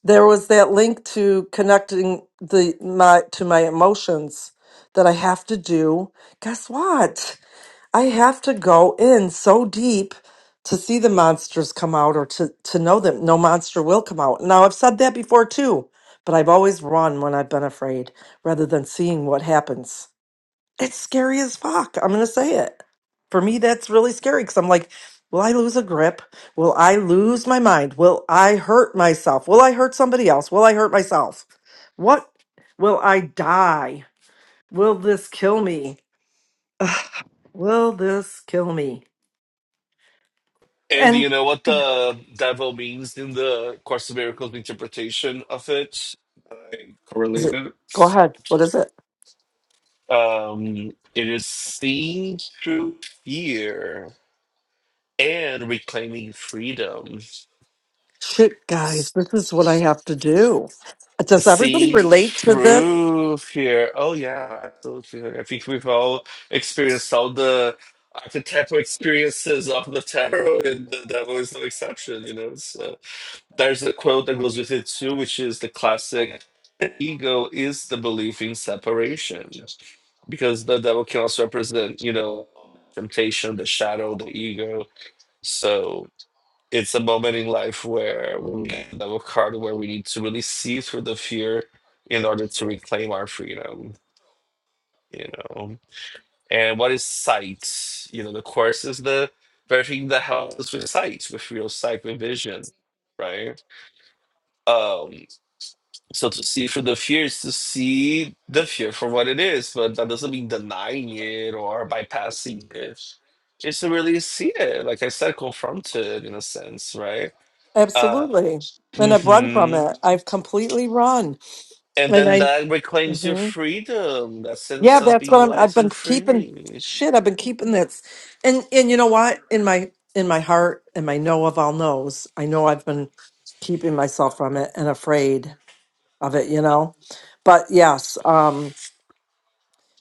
[SPEAKER 2] there was that link to connecting the my to my emotions that I have to do. Guess what? I have to go in so deep to see the monsters come out or to to know that no monster will come out. Now I've said that before too, but I've always run when I've been afraid rather than seeing what happens. It's scary as fuck. I'm gonna say it. For me, that's really scary because I'm like, will I lose a grip? Will I lose my mind? Will I hurt myself? Will I hurt somebody else? Will I hurt myself? What? Will I die? Will this kill me? Will this kill me?
[SPEAKER 3] And
[SPEAKER 2] And
[SPEAKER 3] you know what the devil means in the Course of Miracles interpretation of it?
[SPEAKER 2] is it?
[SPEAKER 3] correlated.
[SPEAKER 2] Go ahead. What is it?
[SPEAKER 3] Um, it is seeing through fear and reclaiming freedom.
[SPEAKER 2] Shit, guys,
[SPEAKER 3] S-
[SPEAKER 2] this is what I have to do. Does everybody
[SPEAKER 3] Seeing
[SPEAKER 2] relate to this?
[SPEAKER 3] through fear. Oh yeah, absolutely. I think we've all experienced all the archetypal experiences of the tarot, and the devil is no exception. You know, so There's a quote that goes with it too, which is the classic "The ego is the belief in separation. Because the devil can also represent, you know, temptation, the shadow, the ego. So it's a moment in life where we get the devil card where we need to really see through the fear in order to reclaim our freedom, you know. And what is sight? You know, the course is the very thing that helps us with sight, with real sight, with vision, right? Um. So to see through the fear is to see the fear for what it is, but that doesn't mean denying it or bypassing it. It's to really see it, like I said, confront it in a sense, right? Uh,
[SPEAKER 2] Absolutely. And I've run from
[SPEAKER 3] hmm
[SPEAKER 2] it. I've completely run.
[SPEAKER 3] And
[SPEAKER 2] And
[SPEAKER 3] then
[SPEAKER 2] I.
[SPEAKER 3] that reclaims your
[SPEAKER 2] Mhm.
[SPEAKER 3] freedom, that
[SPEAKER 2] Yeah,
[SPEAKER 3] sense of
[SPEAKER 2] that's
[SPEAKER 3] being
[SPEAKER 2] what I'm, I've
[SPEAKER 3] light
[SPEAKER 2] been
[SPEAKER 3] and
[SPEAKER 2] keeping.
[SPEAKER 3] free.
[SPEAKER 2] Shit, I've been keeping this, and and you know what? In my in my heart, and my know of all knows, I know I've been keeping myself from it and afraid of it. You know, but yes, um,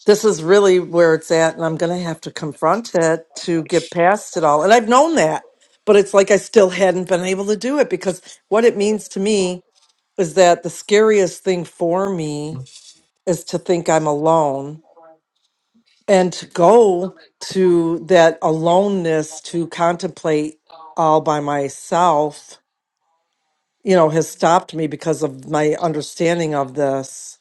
[SPEAKER 2] this is really where it's at, and I'm gonna have to confront it to get past it all. And I've known that, but it's like I still hadn't been able to do it because what it means to me is that the scariest thing for me is to think I'm alone and to go to that aloneness to contemplate all by myself you know has stopped me because of my understanding of this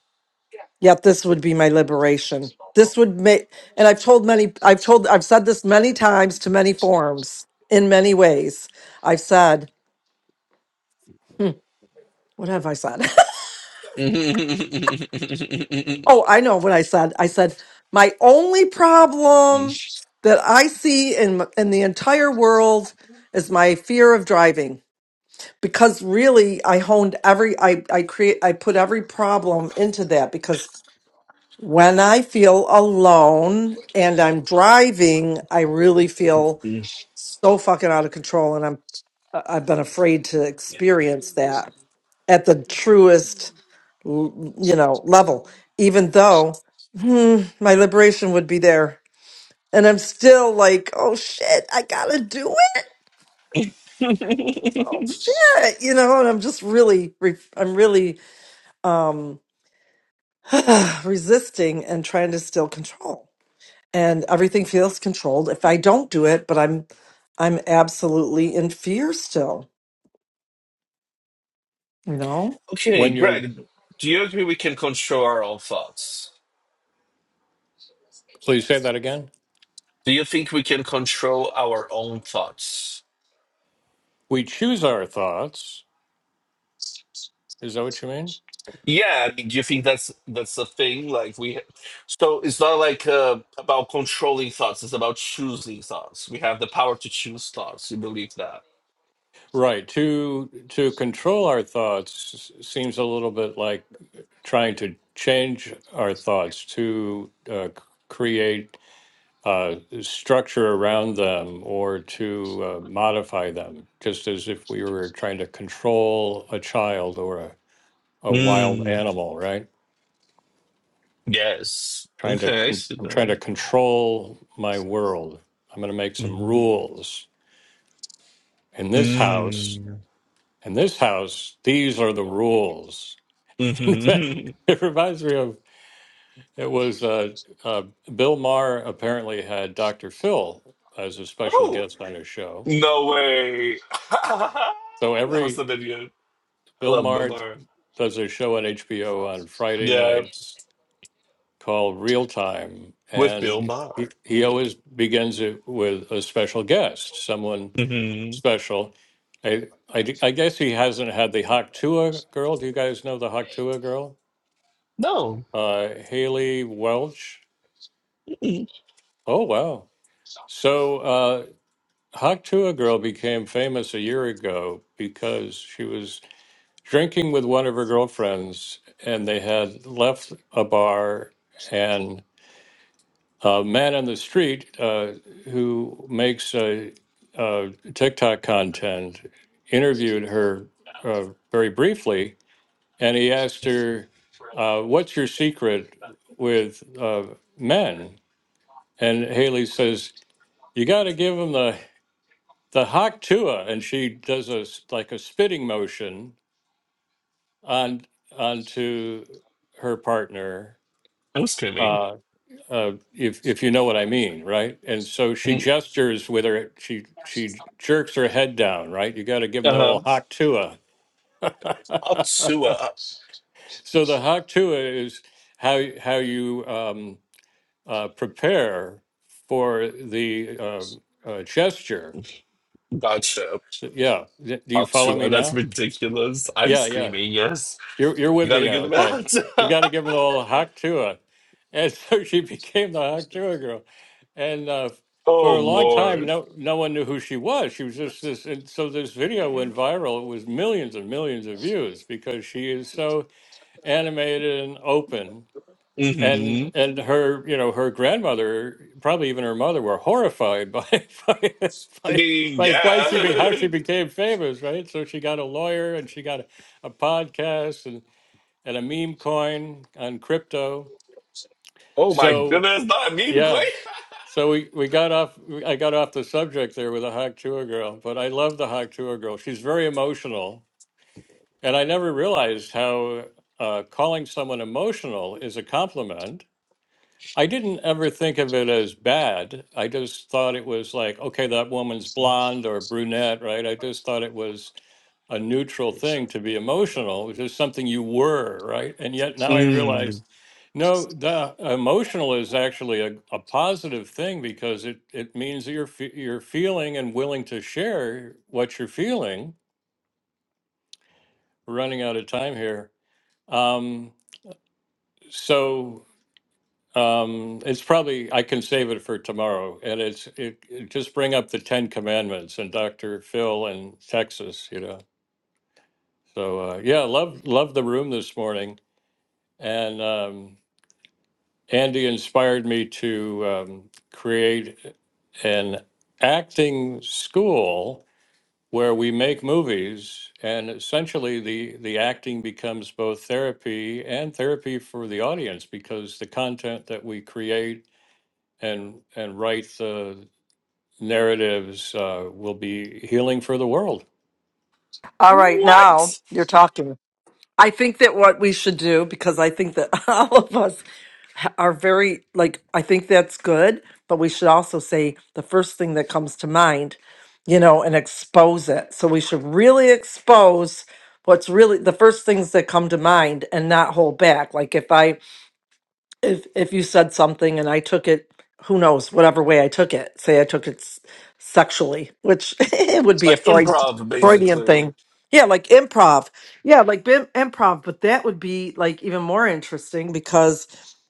[SPEAKER 2] yet this would be my liberation this would make and i've told many i've told i've said this many times to many forms in many ways i've said hmm, what have i said oh i know what i said i said my only problem that i see in in the entire world is my fear of driving because really i honed every i i create i put every problem into that because when i feel alone and i'm driving i really feel so fucking out of control and i'm i've been afraid to experience that at the truest l- you know level even though hmm, my liberation would be there and i'm still like oh shit i gotta do it oh shit you know and i'm just really re- i'm really um, resisting and trying to still control and everything feels controlled if i don't do it but i'm i'm absolutely in fear still you know
[SPEAKER 3] okay,
[SPEAKER 1] When you're,
[SPEAKER 3] Greg, do you agree we can control our own thoughts?
[SPEAKER 1] please say that again.
[SPEAKER 3] Do you think we can control our own thoughts?
[SPEAKER 1] We choose our thoughts. Is that what you mean?
[SPEAKER 3] Yeah, I mean, do you think that's that's the thing? Like we, so it's not like uh, about controlling thoughts. It's about choosing thoughts. We have the power to choose thoughts. You believe that?
[SPEAKER 1] Right. To to control our thoughts seems a little bit like trying to change our thoughts to uh, c- create uh, structure around them or to uh, modify them, just as if we were trying to control a child or a, a wild
[SPEAKER 3] Mm,
[SPEAKER 1] animal, right?
[SPEAKER 3] yes.
[SPEAKER 1] trying to
[SPEAKER 3] Okay, I
[SPEAKER 1] con-
[SPEAKER 3] see
[SPEAKER 1] I'm trying
[SPEAKER 3] that.
[SPEAKER 1] to control my world. I'm going to make some
[SPEAKER 3] Mm.
[SPEAKER 1] rules in this house.
[SPEAKER 3] Mm.
[SPEAKER 1] In this house, these are the rules. In fact,
[SPEAKER 3] hmm
[SPEAKER 1] it reminds me of it was uh, uh, Bill Maher apparently had Dr. Phil as a special
[SPEAKER 3] oh
[SPEAKER 1] guest on his show.
[SPEAKER 3] no way!
[SPEAKER 1] So
[SPEAKER 3] that was the
[SPEAKER 1] every
[SPEAKER 3] video. I
[SPEAKER 1] Bill
[SPEAKER 3] love Bill
[SPEAKER 1] Maher
[SPEAKER 3] Maher.
[SPEAKER 1] does a show on HBO on Friday
[SPEAKER 3] Yeah,
[SPEAKER 1] nights called Real Time,
[SPEAKER 3] with Bill
[SPEAKER 1] and
[SPEAKER 3] Maher.
[SPEAKER 1] he, he
[SPEAKER 3] Yeah.
[SPEAKER 1] always begins it with a special guest, someone
[SPEAKER 3] hmm
[SPEAKER 1] special. I, I, d- I guess he hasn't had the Haktua girl. Do you guys know the Haktua girl?
[SPEAKER 3] No,
[SPEAKER 1] Uh, Haley Welch.
[SPEAKER 3] mm-mm.
[SPEAKER 1] Oh, wow. So uh, Haktua girl became famous a year ago because she was drinking with one of her girlfriends and they had left a bar and a man on the street uh, who makes uh uh TikTok content interviewed her uh, very briefly and he asked her, uh, "What's your secret with uh, men?" And Haley says, "You got to give them the the hak tua," and she does a s- like a spitting motion on onto her partner.
[SPEAKER 3] I'm screaming.
[SPEAKER 1] Uh, uh, if if you know what I mean, right? And so she
[SPEAKER 3] Mm-hmm.
[SPEAKER 1] gestures with her. She she jerks her head down, right? You got to give them the old
[SPEAKER 3] Um,
[SPEAKER 1] hak tua.
[SPEAKER 3] Altua.
[SPEAKER 1] so the hak tua is how how you um, uh, prepare for the uh, uh, gesture.
[SPEAKER 3] Gotcha.
[SPEAKER 1] Yeah. D- Do you follow me
[SPEAKER 3] Altua. That's
[SPEAKER 1] now?
[SPEAKER 3] ridiculous. I'm
[SPEAKER 1] Yeah, yeah.
[SPEAKER 3] screaming, yes.
[SPEAKER 1] You're, you're
[SPEAKER 3] You
[SPEAKER 1] with me
[SPEAKER 3] gotta
[SPEAKER 1] now.
[SPEAKER 3] get them
[SPEAKER 1] Okay.
[SPEAKER 3] out.
[SPEAKER 1] You got to give them the whole Haktua. And so she became the Haktua girl. And uh,
[SPEAKER 3] oh,
[SPEAKER 1] for a long time,
[SPEAKER 3] Lord.
[SPEAKER 1] no, no one knew who she was. She was just this. And so this video went viral. It was millions and millions of views because she is so animated and open
[SPEAKER 3] hmm
[SPEAKER 1] And and her, you know, her grandmother, probably even her mother, were horrified by by
[SPEAKER 3] I
[SPEAKER 1] by,
[SPEAKER 3] mean,
[SPEAKER 1] by why she be how
[SPEAKER 3] yeah.
[SPEAKER 1] she became famous, right? So she got a lawyer and she got a, a podcast and and a meme coin on crypto.
[SPEAKER 3] oh, my
[SPEAKER 1] So
[SPEAKER 3] goodness. Not me,
[SPEAKER 1] yeah,
[SPEAKER 3] McQueen.
[SPEAKER 1] so we we got off. I got off the subject there with the Hawk Chua girl, but I love the Hawk Chua girl. She's very emotional, and I never realized how uh, calling someone emotional is a compliment I didn't ever think of it as bad. I just thought it was like, okay, that woman's blonde or brunette, right? I just thought it was a neutral thing to be emotional, which is something you were, right? And yet now I realize,
[SPEAKER 3] Mm.
[SPEAKER 1] no, the emotional is actually a, a positive thing because it, it means that you're fe- you're feeling and willing to share what you're feeling. We're running out of time here. Um, so Um, it's probably I can save it for tomorrow, and it's it, it just bring up the Ten Commandments and Dr. Phil in Texas, you know. So uh, yeah, love love the room this morning, and um, Andy inspired me to um, create an acting school where we make movies, and essentially the the acting becomes both therapy and therapy for the audience because the content that we create and and write the narratives uh, will be healing for the world.
[SPEAKER 2] all right now
[SPEAKER 3] What?
[SPEAKER 2] you're talking i think that what we should do because i think that all of us are very like i think that's good but we should also say the first thing that comes to mind you know and expose it so we should really expose what's really the first things that come to mind and not hold back like if i if if you said something and I took it, who knows, whatever way I took it. Say I took it s- sexually, which it would be a
[SPEAKER 3] Like
[SPEAKER 2] Freud,
[SPEAKER 3] improv,
[SPEAKER 2] Freudian
[SPEAKER 3] basically.
[SPEAKER 2] thing. Yeah, like improv. Yeah, like bim- improv, but that would be like even more interesting because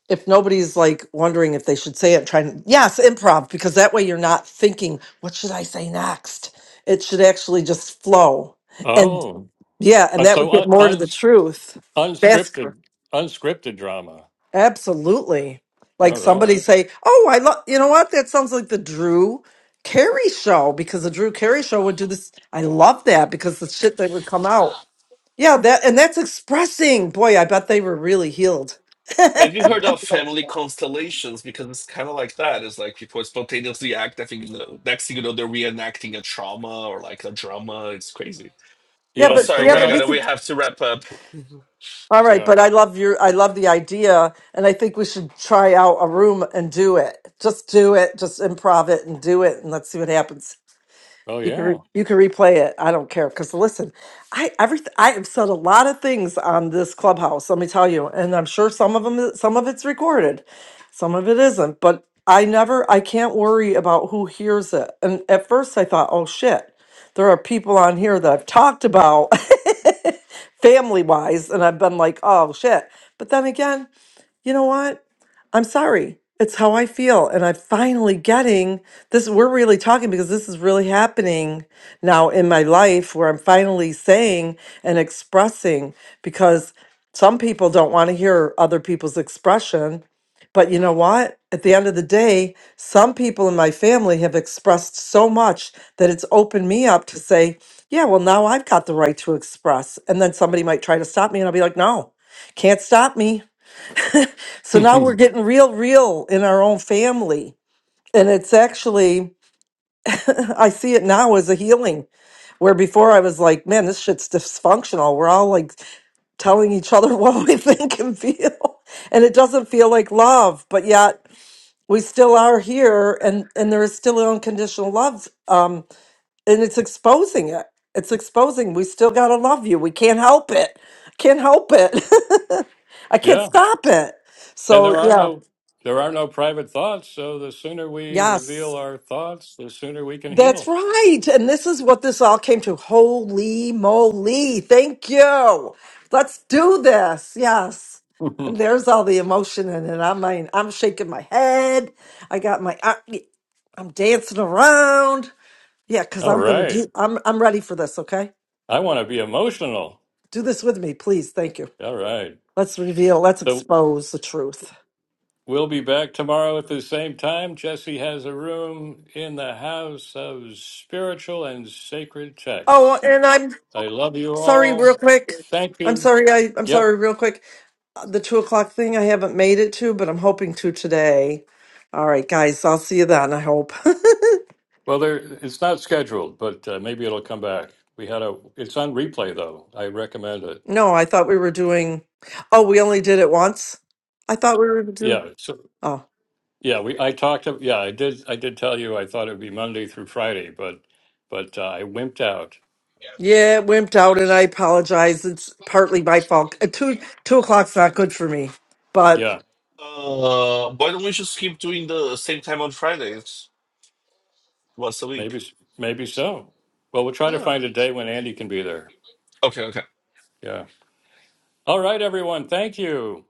[SPEAKER 2] if nobody's like wondering if they should say it, trying yes, improv, because that way you're not thinking, what should I say next? It should actually just flow. And
[SPEAKER 1] Oh,
[SPEAKER 2] yeah, and
[SPEAKER 1] Uh,
[SPEAKER 2] that would
[SPEAKER 1] so
[SPEAKER 2] get
[SPEAKER 1] un,
[SPEAKER 2] more to
[SPEAKER 1] un,
[SPEAKER 2] the truth faster.
[SPEAKER 1] unscripted unscripted drama.
[SPEAKER 2] Absolutely. Like
[SPEAKER 1] All right.
[SPEAKER 2] somebody say, "Oh, I love." You know what? That sounds like the Drew Carey show because the Drew Carey show would do this. I love that because the shit that would come out. Yeah, that and that's expressing. Boy, I bet they were really healed.
[SPEAKER 3] Have you
[SPEAKER 1] Mm.
[SPEAKER 3] heard of family constellations? Because it's kind of like that. It's like people spontaneously act. I think the next thing you know, they're reenacting a trauma or like a drama. It's crazy.
[SPEAKER 2] Yeah,
[SPEAKER 3] But
[SPEAKER 1] Yeah.
[SPEAKER 2] but
[SPEAKER 1] And
[SPEAKER 3] sorry,
[SPEAKER 1] so
[SPEAKER 2] yeah,
[SPEAKER 1] what
[SPEAKER 3] Greg,
[SPEAKER 2] but
[SPEAKER 3] I
[SPEAKER 2] we
[SPEAKER 1] I
[SPEAKER 3] know we
[SPEAKER 2] could.
[SPEAKER 3] have to wrap up.
[SPEAKER 2] All right,
[SPEAKER 1] yeah
[SPEAKER 2] but I love your. I love the idea, and I think we should try out a room and do it. Just do it. Just improv it and do it, and let's see what happens.
[SPEAKER 1] oh
[SPEAKER 2] You can re-
[SPEAKER 1] yeah
[SPEAKER 2] you can replay it. I don't care because listen, I every I have said a lot of things on this clubhouse. Let me tell you, and I'm sure some of them some of it's recorded, some of it isn't. But I never I can't worry about who hears it. And at first I thought, oh shit, there are people on here that I've talked about family wise, and I've been like, oh shit. But then again, you know what? I'm sorry. It's how I feel. And I'm finally getting this. We're really talking because this is really happening now in my life where I'm finally saying and expressing because some people don't want to hear other people's expression. But you know what? At the end of the day, some people in my family have expressed so much that it's opened me up to say, yeah, well, now I've got the right to express. And then somebody might try to stop me, and I'll be like, no, can't stop me. So now we're getting real, real in our own family. And it's actually, I see it now as a healing, where before I was like, man, this shit's dysfunctional. We're all like telling each other what we think and feel. And it doesn't feel like love, but yet we still are here and, and there is still unconditional love. Um, and it's exposing it. It's exposing. We still got to love you. We can't help it. Can't help it. I can't
[SPEAKER 1] yeah
[SPEAKER 2] stop it.
[SPEAKER 1] and
[SPEAKER 2] So,
[SPEAKER 1] there are
[SPEAKER 2] yeah.
[SPEAKER 1] no there are no private thoughts. So the sooner we
[SPEAKER 2] Yes.
[SPEAKER 1] reveal our thoughts, the sooner we can
[SPEAKER 2] That's
[SPEAKER 1] heal.
[SPEAKER 2] right. And this is what this all came to. Holy moly. Thank you. Let's do this. Yes. And
[SPEAKER 1] All
[SPEAKER 2] there's all the emotion in it. I'm mine. I'm shaking my head. I got my I, I'm dancing around. Yeah, cuz I'm going to do
[SPEAKER 1] right.
[SPEAKER 2] I'm I'm ready for this, okay?
[SPEAKER 1] I want to be emotional.
[SPEAKER 2] Do this with me, please. Thank you.
[SPEAKER 1] All right.
[SPEAKER 2] Let's reveal, let's
[SPEAKER 1] So
[SPEAKER 2] expose the truth.
[SPEAKER 1] We'll be back tomorrow at the same time. Jesse has a room in the house of spiritual and sacred
[SPEAKER 2] Oh,
[SPEAKER 1] texts.
[SPEAKER 2] and I'm
[SPEAKER 1] I love you
[SPEAKER 2] sorry real
[SPEAKER 1] all.
[SPEAKER 2] quick.
[SPEAKER 1] Thank
[SPEAKER 2] I'm
[SPEAKER 1] you.
[SPEAKER 2] sorry I I'm
[SPEAKER 1] Yep.
[SPEAKER 2] sorry real quick. the two o'clock thing I haven't made it to, but I'm hoping to today. All right, guys, I'll see you then, I hope.
[SPEAKER 1] Well, there it's not scheduled, but uh, maybe it'll come back. We had a. It's on replay though. I recommend it.
[SPEAKER 2] no, I thought we were doing, oh, we only did it once? I thought we were doing,
[SPEAKER 1] Yeah. So
[SPEAKER 2] oh,
[SPEAKER 1] yeah, we. I talked. To, yeah, I did. I did tell you I thought it would be Monday through Friday, but but uh, I wimped out.
[SPEAKER 2] yeah, it wimped out and I apologize. It's partly my fault. Uh, two, two o'clock's not good for me, but
[SPEAKER 1] Yeah.
[SPEAKER 3] Uh, why don't we just keep doing the same time on Fridays once a week?
[SPEAKER 1] Maybe s- maybe so. Well, we'll try to
[SPEAKER 3] Yeah.
[SPEAKER 1] find a day when Andy can be there.
[SPEAKER 3] Okay. Okay.
[SPEAKER 1] Yeah. All right, everyone. Thank you.